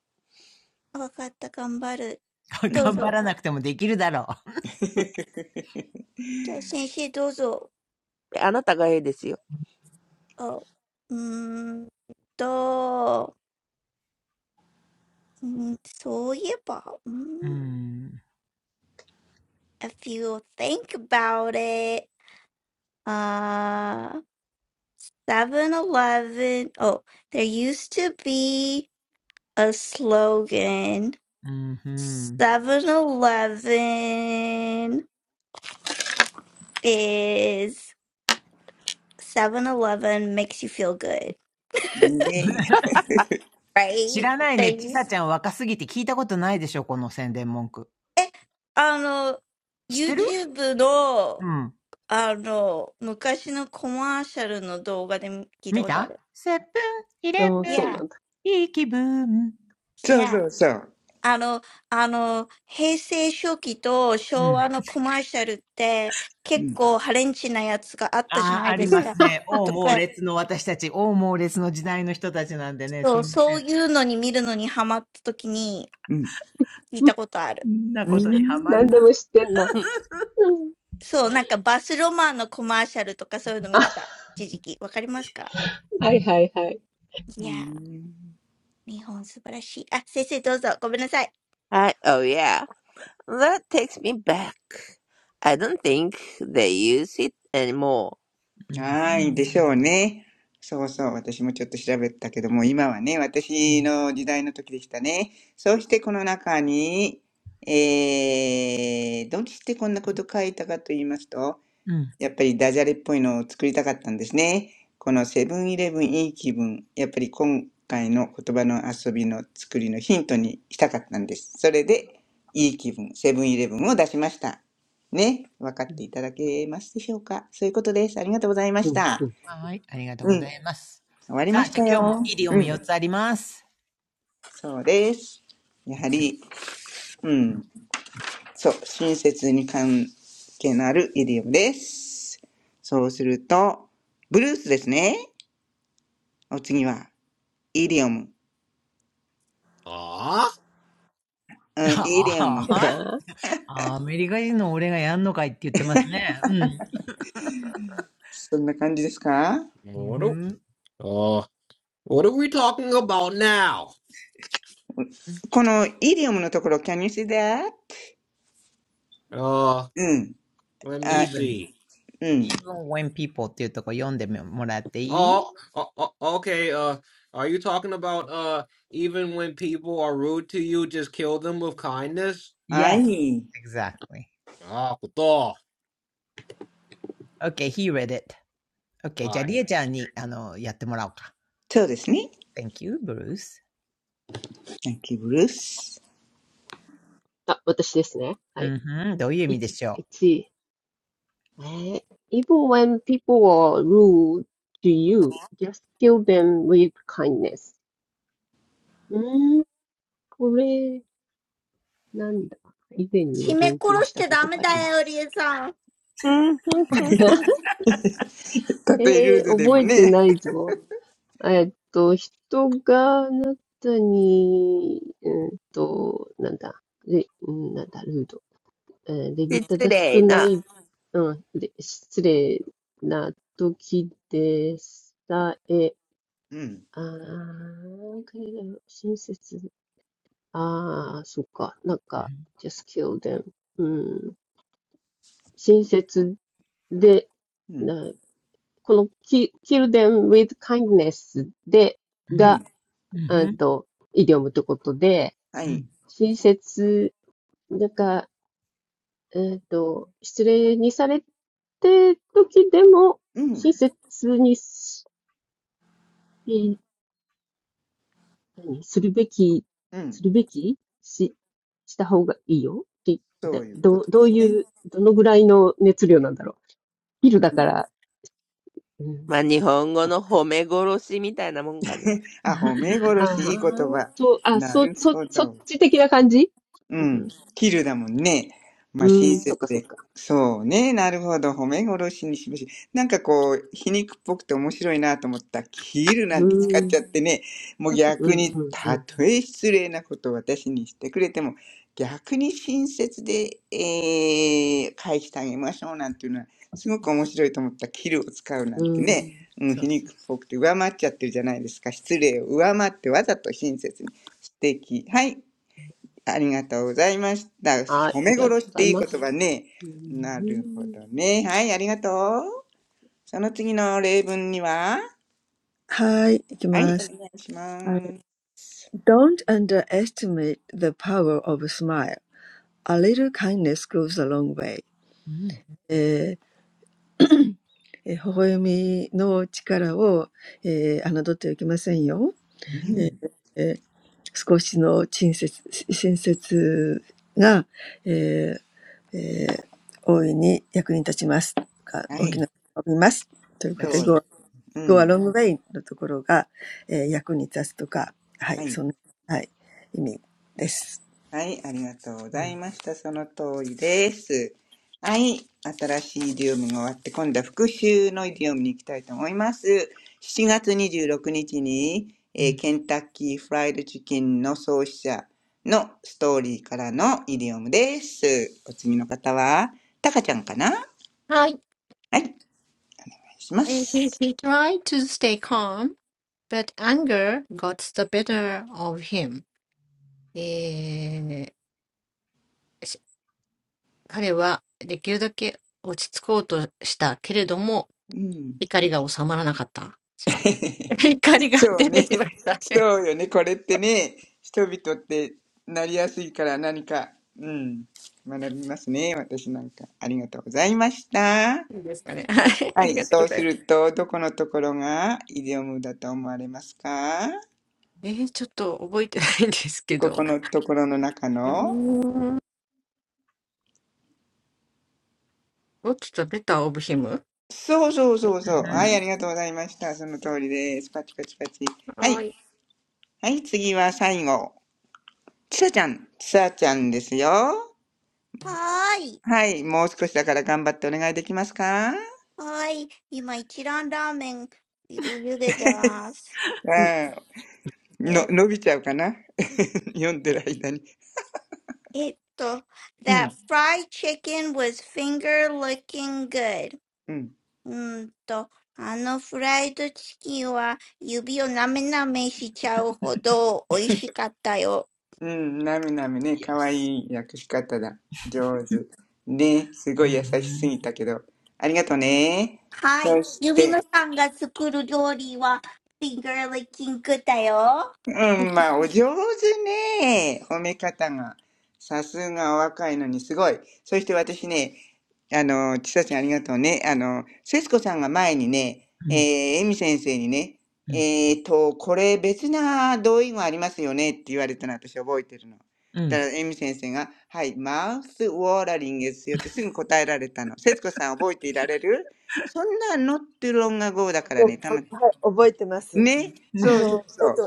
わかった、頑張る。どう頑張ぞ。らなくてもできるだろう。じゃあ先生どうぞ。あなたがええですよ。あ、うーんと、うん、そういえば、うーん うん。if you think about it, uh, 7-Eleven, oh, there used to be a slogan. うんふん。Seven Eleven is Seven Eleven makes you feel good, ねえ知 right? らない There ね。ちさ used, ちゃん若すぎて聞いたことないでしょ、この宣伝文句。知ってる え、あの、YouTube うん。見た の、あの、昔のコマーシャルの動画で聞いたことある。Yeah, セブン、イレブ Oh, ン、いい気分。そう yeah. そうそう。あの、あの、平成初期とう昭ん。和のコマーシャルってう結ん。構ハレンチなやつがあったじゃああ、ないありですますか。ね。おうと猛か、烈の私たち、おう猛烈の時代の人たちなんでね、すそう、いませそうん。いうのに見るのにハマった時にうん。聞いたそうなんだ。何でも知ってんな。うん。ことある。んなうこーとにはまるん。な。うんそう、なんかバスロマンのコマーシャルとかそういうの見 てた。一時期。わかりますかはいはいはい。ういーやんー、日本素晴らしい。あ、先生どうぞ。ごめんなさい。はい、oh yeah. That takes me back. I don't think they use it anymore. うん。はーい。でしょうね。そうそう。私もちょっと調べたけども、今はね、う私ん。の時代の時でしたね。そしてこの中に、えー、どうしてこんなこと書いたかと言いますと、うん。やっぱりダジャレっぽいのを作りたかったんですね。このセブンイレブンいい気分、やっぱり今回の言葉の遊びの作りのヒントにしたかったんです。それで、いい気分、セブンイレブンを出しました。ね、分かうっん、ていただけますでしょうかそういうことです。ありがとうございまぷしんぷた。ん。はい。ありがとううござん、います。終わりさまあ、しじゃたあ今日もよ。イディオうムん、4つあります。そうです。やはり、うん、そう、親切に関係のあるイディオムです。そうすると、ブルースですね。お次は、イディオム。ah うん、イディオム。あああ、アメリカ人の俺がやんのかいって言ってますね。うん。そんな感じですかうん what ふ do- ん uh what are we talking about now このイディオムのところ、can you see that? uh うん。let me あ、even, see うん。even when people っていうとこ読んでもらってい oh, oh, oh okay uh are you talking about uh even when people are rude to you just kill them with kindness い は ?Yes, い。exactly. ah koto Okay, he read it. Okay, じゃあリエちゃんにあのやってもらおうか。そうですね。Thank you, Bruce. Thank you, Bruce. あ、あ、私ですね。はうい。んん、どういう意い、味でし1ょ位。えー Even when people are rude to you, just kill them with kindness. うーん、これ、なんだ。以前に締もめ勉強殺ししちたゃこダとメがあだりまよ、リす。エさん。うん たとえルーえー、ドで覚もえてね。ないぞ。えーっと、人があなたに、うーんと、なんだ、で、うん、なんだ、ルード。えー礼儀失正しく礼なな。い、うん、で失礼な時でさえ、うん。あー、彼らは親切で、ああそっか、なんううか、just kill them. うん、親切で、うん。なこの ki- kill them with kindness で、うが、ん。んうんううんんと、イディオムってことで、はうい。ん 親切、なんかえっと、失礼にされてる時でも、うん。親切にし、何するべき、うん。するべきし、した方がいいよってそだういうこどう、とでどうすね。いう、どのぐらいの熱量なんだろう。昼うだん。から、うん、まあ、日そ本っ語か。の褒め殺しみたいなもんかね。あ、褒め 殺し、あいい言あ、葉。と、あ、なそ、るそ、ほそど。っち的な感じううんふんん。キルだもんね。まあ、親うねん、そっ切かそっで。か。そうね。なるほど。褒め殺しにしまし。なんかこう、皮肉っぽくて面白いなと思った。キルなうんて使っん、ちゃってね。もうう逆ん、うに、ん、うたん、とえ失礼なことを私にしてくれても、逆に親切で、えー、返してあげましょうなんていうのは、すごく面白いと思った。キルを使うなうんてん。ね。うん、そう皮そう肉っそぽくて上回っちゃってるじゃないですか。失礼を上回ってわざと親切に。素敵。はい。ありがとうございました。はい、褒あめりがと殺うしごっざいていいま言す。葉ね。うん、なうるほん、どね。はい、ありがとう。その次の例文には、はい、おはい、いきます。願いします。Don't underestimate the power of a smile. A little kindness goes a long way. う。うん The joymi の力をあの取っておきませんよ。ううんん少しの親切親切が大いに役に立ちます。うは大ん。きい、な役に立ますとい素う晴らこそと、しうでい。す。ごうごは ん。long way のところが役に立つとか、ははい、い。そのはい意味です。はい、ありがとうございました。その通りです。はい、新しいイディオムが終わって、今度は復習のイディオムに行きたいと思います。7月26日にじゅうろくにちに、うえんうーん。ケンタッキーフライドチキンの創始者のストーリーからのイディオムです。お次の方は、タカちゃんかなは Hi, い、お願いしま and he, す。he tried to stay calm, but anger got the better of him. えー、し彼はできるだけ落ち着こうとしたけれども、うん。怒りが収まらなかった。違う。怒りがそう出てね。しまっ た。違そうよね。これってね、人々ってなりやすいから何か、うん、学びますね。私なんか。ありがとうございました。う。いいですかね。はい。あはりがい。とうごそうざいすます。ると、どこのところがイデオムだと思われますかえー、ちょっと覚えてないんですけこど。このところの中うーのん。What's the better of him? そうそうそうそう。うはい。んありがとうございました。その通りです。パチパチパチ。ははい。い。はい。次は最後。ちさちゃん。ちさちゃんですよ。はーい。はい。もう少しだから頑張ってお願いできますかはーい。今一蘭ラーメンゆ茹でてます。ああ、えの、ー伸びちゃうかな 読んでる間に。えっと、う that ん、fried chicken was finger looking good. うん。うーんと、あのフライドチキンは指をなめなめしちゃうほど美味しかったよ。うん、なみなみね、かわ Yes. いい訳し方だ。上手。ね、すうごんうい優しすぎたけど。ありがとね。はい。そし指て、のさんが作る料理は finger looking good だよ。うん、まあ、お上手ね。褒め方が。さすがお若いのにすごい。そして私ね、あの、ちさちゃんありがとうね。あの、節子さんが前にね、んうえー、んうん。エミ先生にね、えーと、これ別な同意語ありますよねって言われたの私覚えてるの。うだんからエミ先生が、はい、マウスウォーラリングですよってすぐ答えられたの。節子さん覚えていられるそんなのってロン楽語だかそうあはい、覚えてます。あの、えっと、英語、英語、あの、家でね、イングリッシュクッキングとやってた時に、よくアメリカ人がマウスウォータリングって言ってたので、はい。はい。そうなんでもそれって、あの、女の人が使っても別にいいいいわけですよね。なんか、なんかマウスウォータリングってなんか、ちょっとルールな感じがしちゃったんですけど、全然いいんですね。はい、確認させていただきました。ありがとうございます。へえ。そうなんですね。今日もありがとうございました。らね、たま、ね、そうそうそう。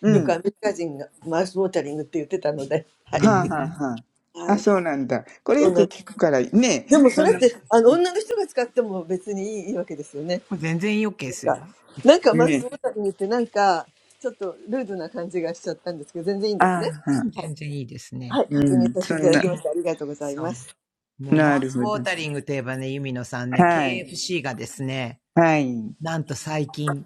うんうはあ、はあ、ん。はあ。あ、そうなんだ。これよく聞くから、ね、そそんうな、です。全然 OK ですよ。ね、ああ、はあ全然いいですね。うん、そんな、そう。もうなマウるスウほォど。ータリングといえばね、ユミノさんね、はい、KFC がですね、はい。なんと最近、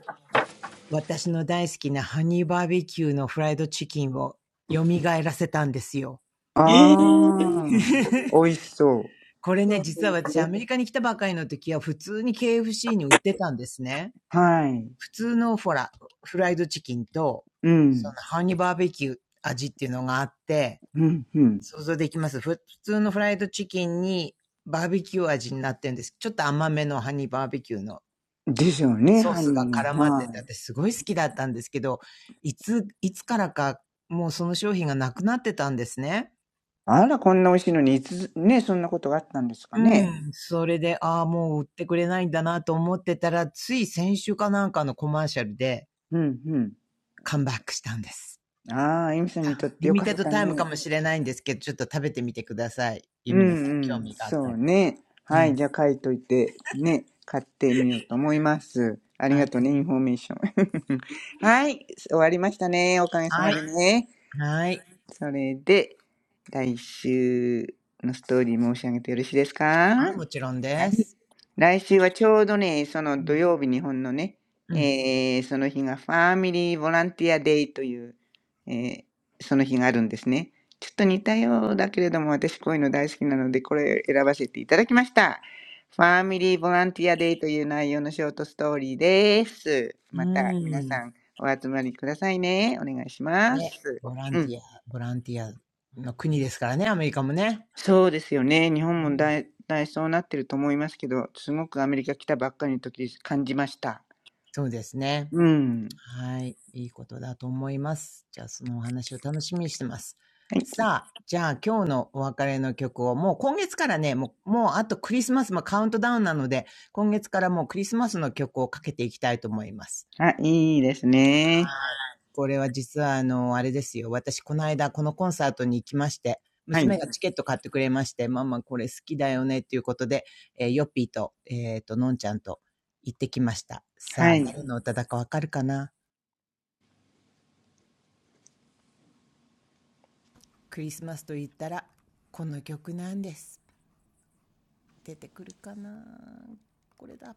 私の大好きなハニーバーベキューのフライドチキンを蘇らせたんですよ。ああ、美味しそう。これね、実は私アメリカに来たばかりの時は普通に KFC に売ってたんですね。はい。普通のほら、フライドチキンと、うそん、のハニーバーベキュー味っていうのがあって、うん、うん。想像できます。普通のフライドチキンにバーベキュー味になってるんです。ちょっと甘めのハニーバーベキューのでしょうね、ソーハスニがーが。絡まってはて、い。私すごい好きだったんですけど、いつ、いつからかもうその商品がなくなってたんですね。あら、こんな美味しいのに、いつ、ね、そんなことがあったんですかうね。ん。それで、ああ、もう売ってくれないんだなと思ってたら、つい先週かなんかのコマーシャルでうん、うん。カムバックしたんです。ああ、エミさんにとってリよミかテっッドたタイムね。かもしれないんですけど、ちょっと食べてみてください。ユうんミノさうん、興ん。味があったそうら。ね。うはい。ん。じゃあ書いといて、ね。買ってみようと思います。ありはがい。とうね、インフォメーション。はい。終わりましたね。おかげさはまい。でね。はい。それで、来週のストーリー申し上げてよろしいですかあ、もちろんはでい。す。来週はちょうどね、そのう土ん。曜日、日本のね、うん。えー、その日がファミリーボランティアデイという、えー、その日があるんですね。ちょっと似たようだけれども、私こういうの大好きなので、これ選ばせていただきました。ファミリーボランティアデイという内容のショートストーリーです。うまた皆ん。さんお集まりくださいね。お願いしまね、す。ボランうんティア、ボランティアの国ですからね、アメリカもね。そうですよね。日う本もん。大、大そうなってると思いますけど、すごくアメリカ来たばっかりの時感じました。そうですね。うん。はい。いいことだと思います。じゃあ、そのお話を楽しみにしてます。はい。さあ、じゃあ今日のお別れの曲を、もう今月からね、もう、もうあとクリスマスもカウントダウンなので、今月からもうクリスマスの曲をかけていきたいと思います。あ、いいですね。はい。これは実はあの、あれですよ。私、この間、このコンサートに行きまして、はい。娘がチケット買ってくれまして、ママこれ好きだよねっていうことで、えーヨッピーと、えっ、と、のんちゃんと行ってきました。さはあ、誰い。の歌だかわかるかなクリスマスと言ったら、この曲なんです。出てくるかなこれだ。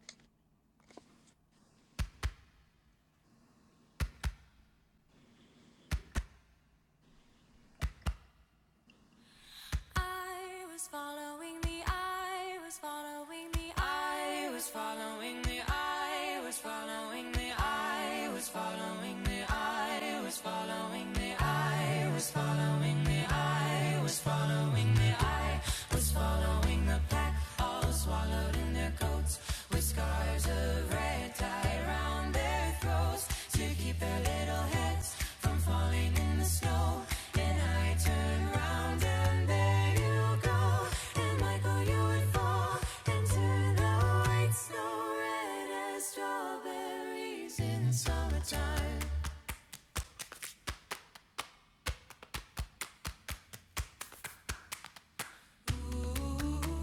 I was following the I was following the I was following the I was following the I was following the I was following the I was following the I was following the I was following the pack, all swallowed in their coats, with scars of red tie round their throats to keep their little heads from falling in the snow. And I turned round and there you go, and Michael you would fall into the white snow, red as strawberries in summertime. Ooh.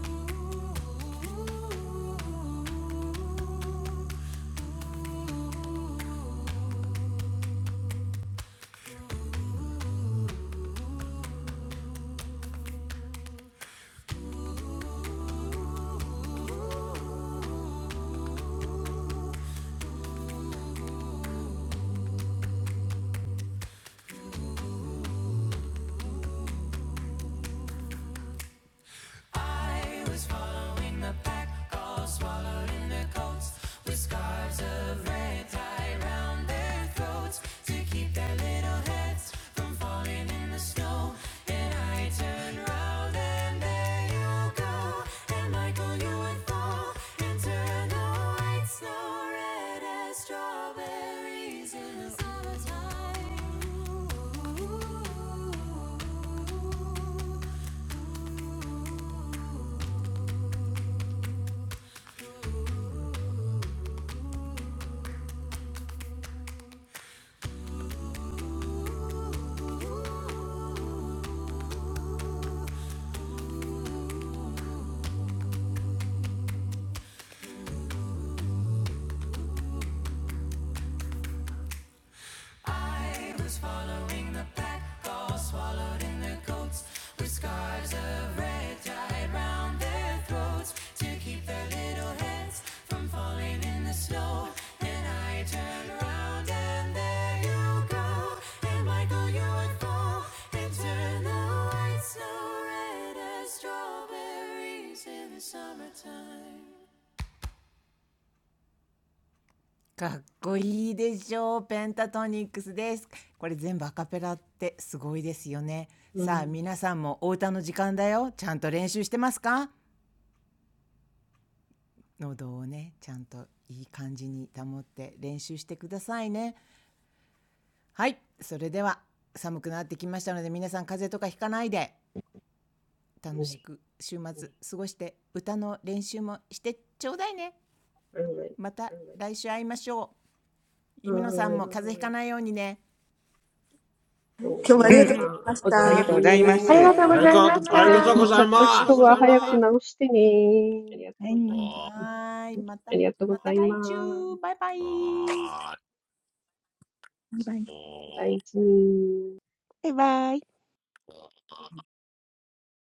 I was following the pack, all swallowed in their coats, with scarves of red tie round their throats to keep their little heads from falling in the snow. And I turned round and there you go, and Michael you would fall and turn the white snow red as strawberries in the summertime. Ooh. I was following the pack, all swallowed in their coats, with scarves of red tied round their throats to keep their little heads from falling in the snow. Then I turned round and there you go, and Michael you would fall and turn the white snow red as strawberries in the summertime. かっこいいでしょうペンタトニックスですこれ全部アカペラってすごいですよねうさあ、うんん。皆さんもお歌の時間だよちゃんと練習してますか喉をねちゃんといい感じに保って練習してくださいねはいそれでは寒くなってきましたので皆さん風邪とかひかないでう楽ん。しく週末過ごして歌の練習もしてちょうだいねはい。また来週会いましょうゆはみのさんーもい。風邪ひかないようにね、と、今う日はあ皆りん。がさとうん、ございまおしあたうり大んがあとう事りごがた。とざうごいざまいあまに。りしす。た。がありとうがとごうござざい Aikazoku, まし風邪た。ひいいちゃますあまりった Aikazoku-sama. がとう人ごはざいま早す。く治してね。はい。はーい、また、ありがとうごまたざ来いま週。す。バイバイ。バイバイ。お大事に。バイバイ。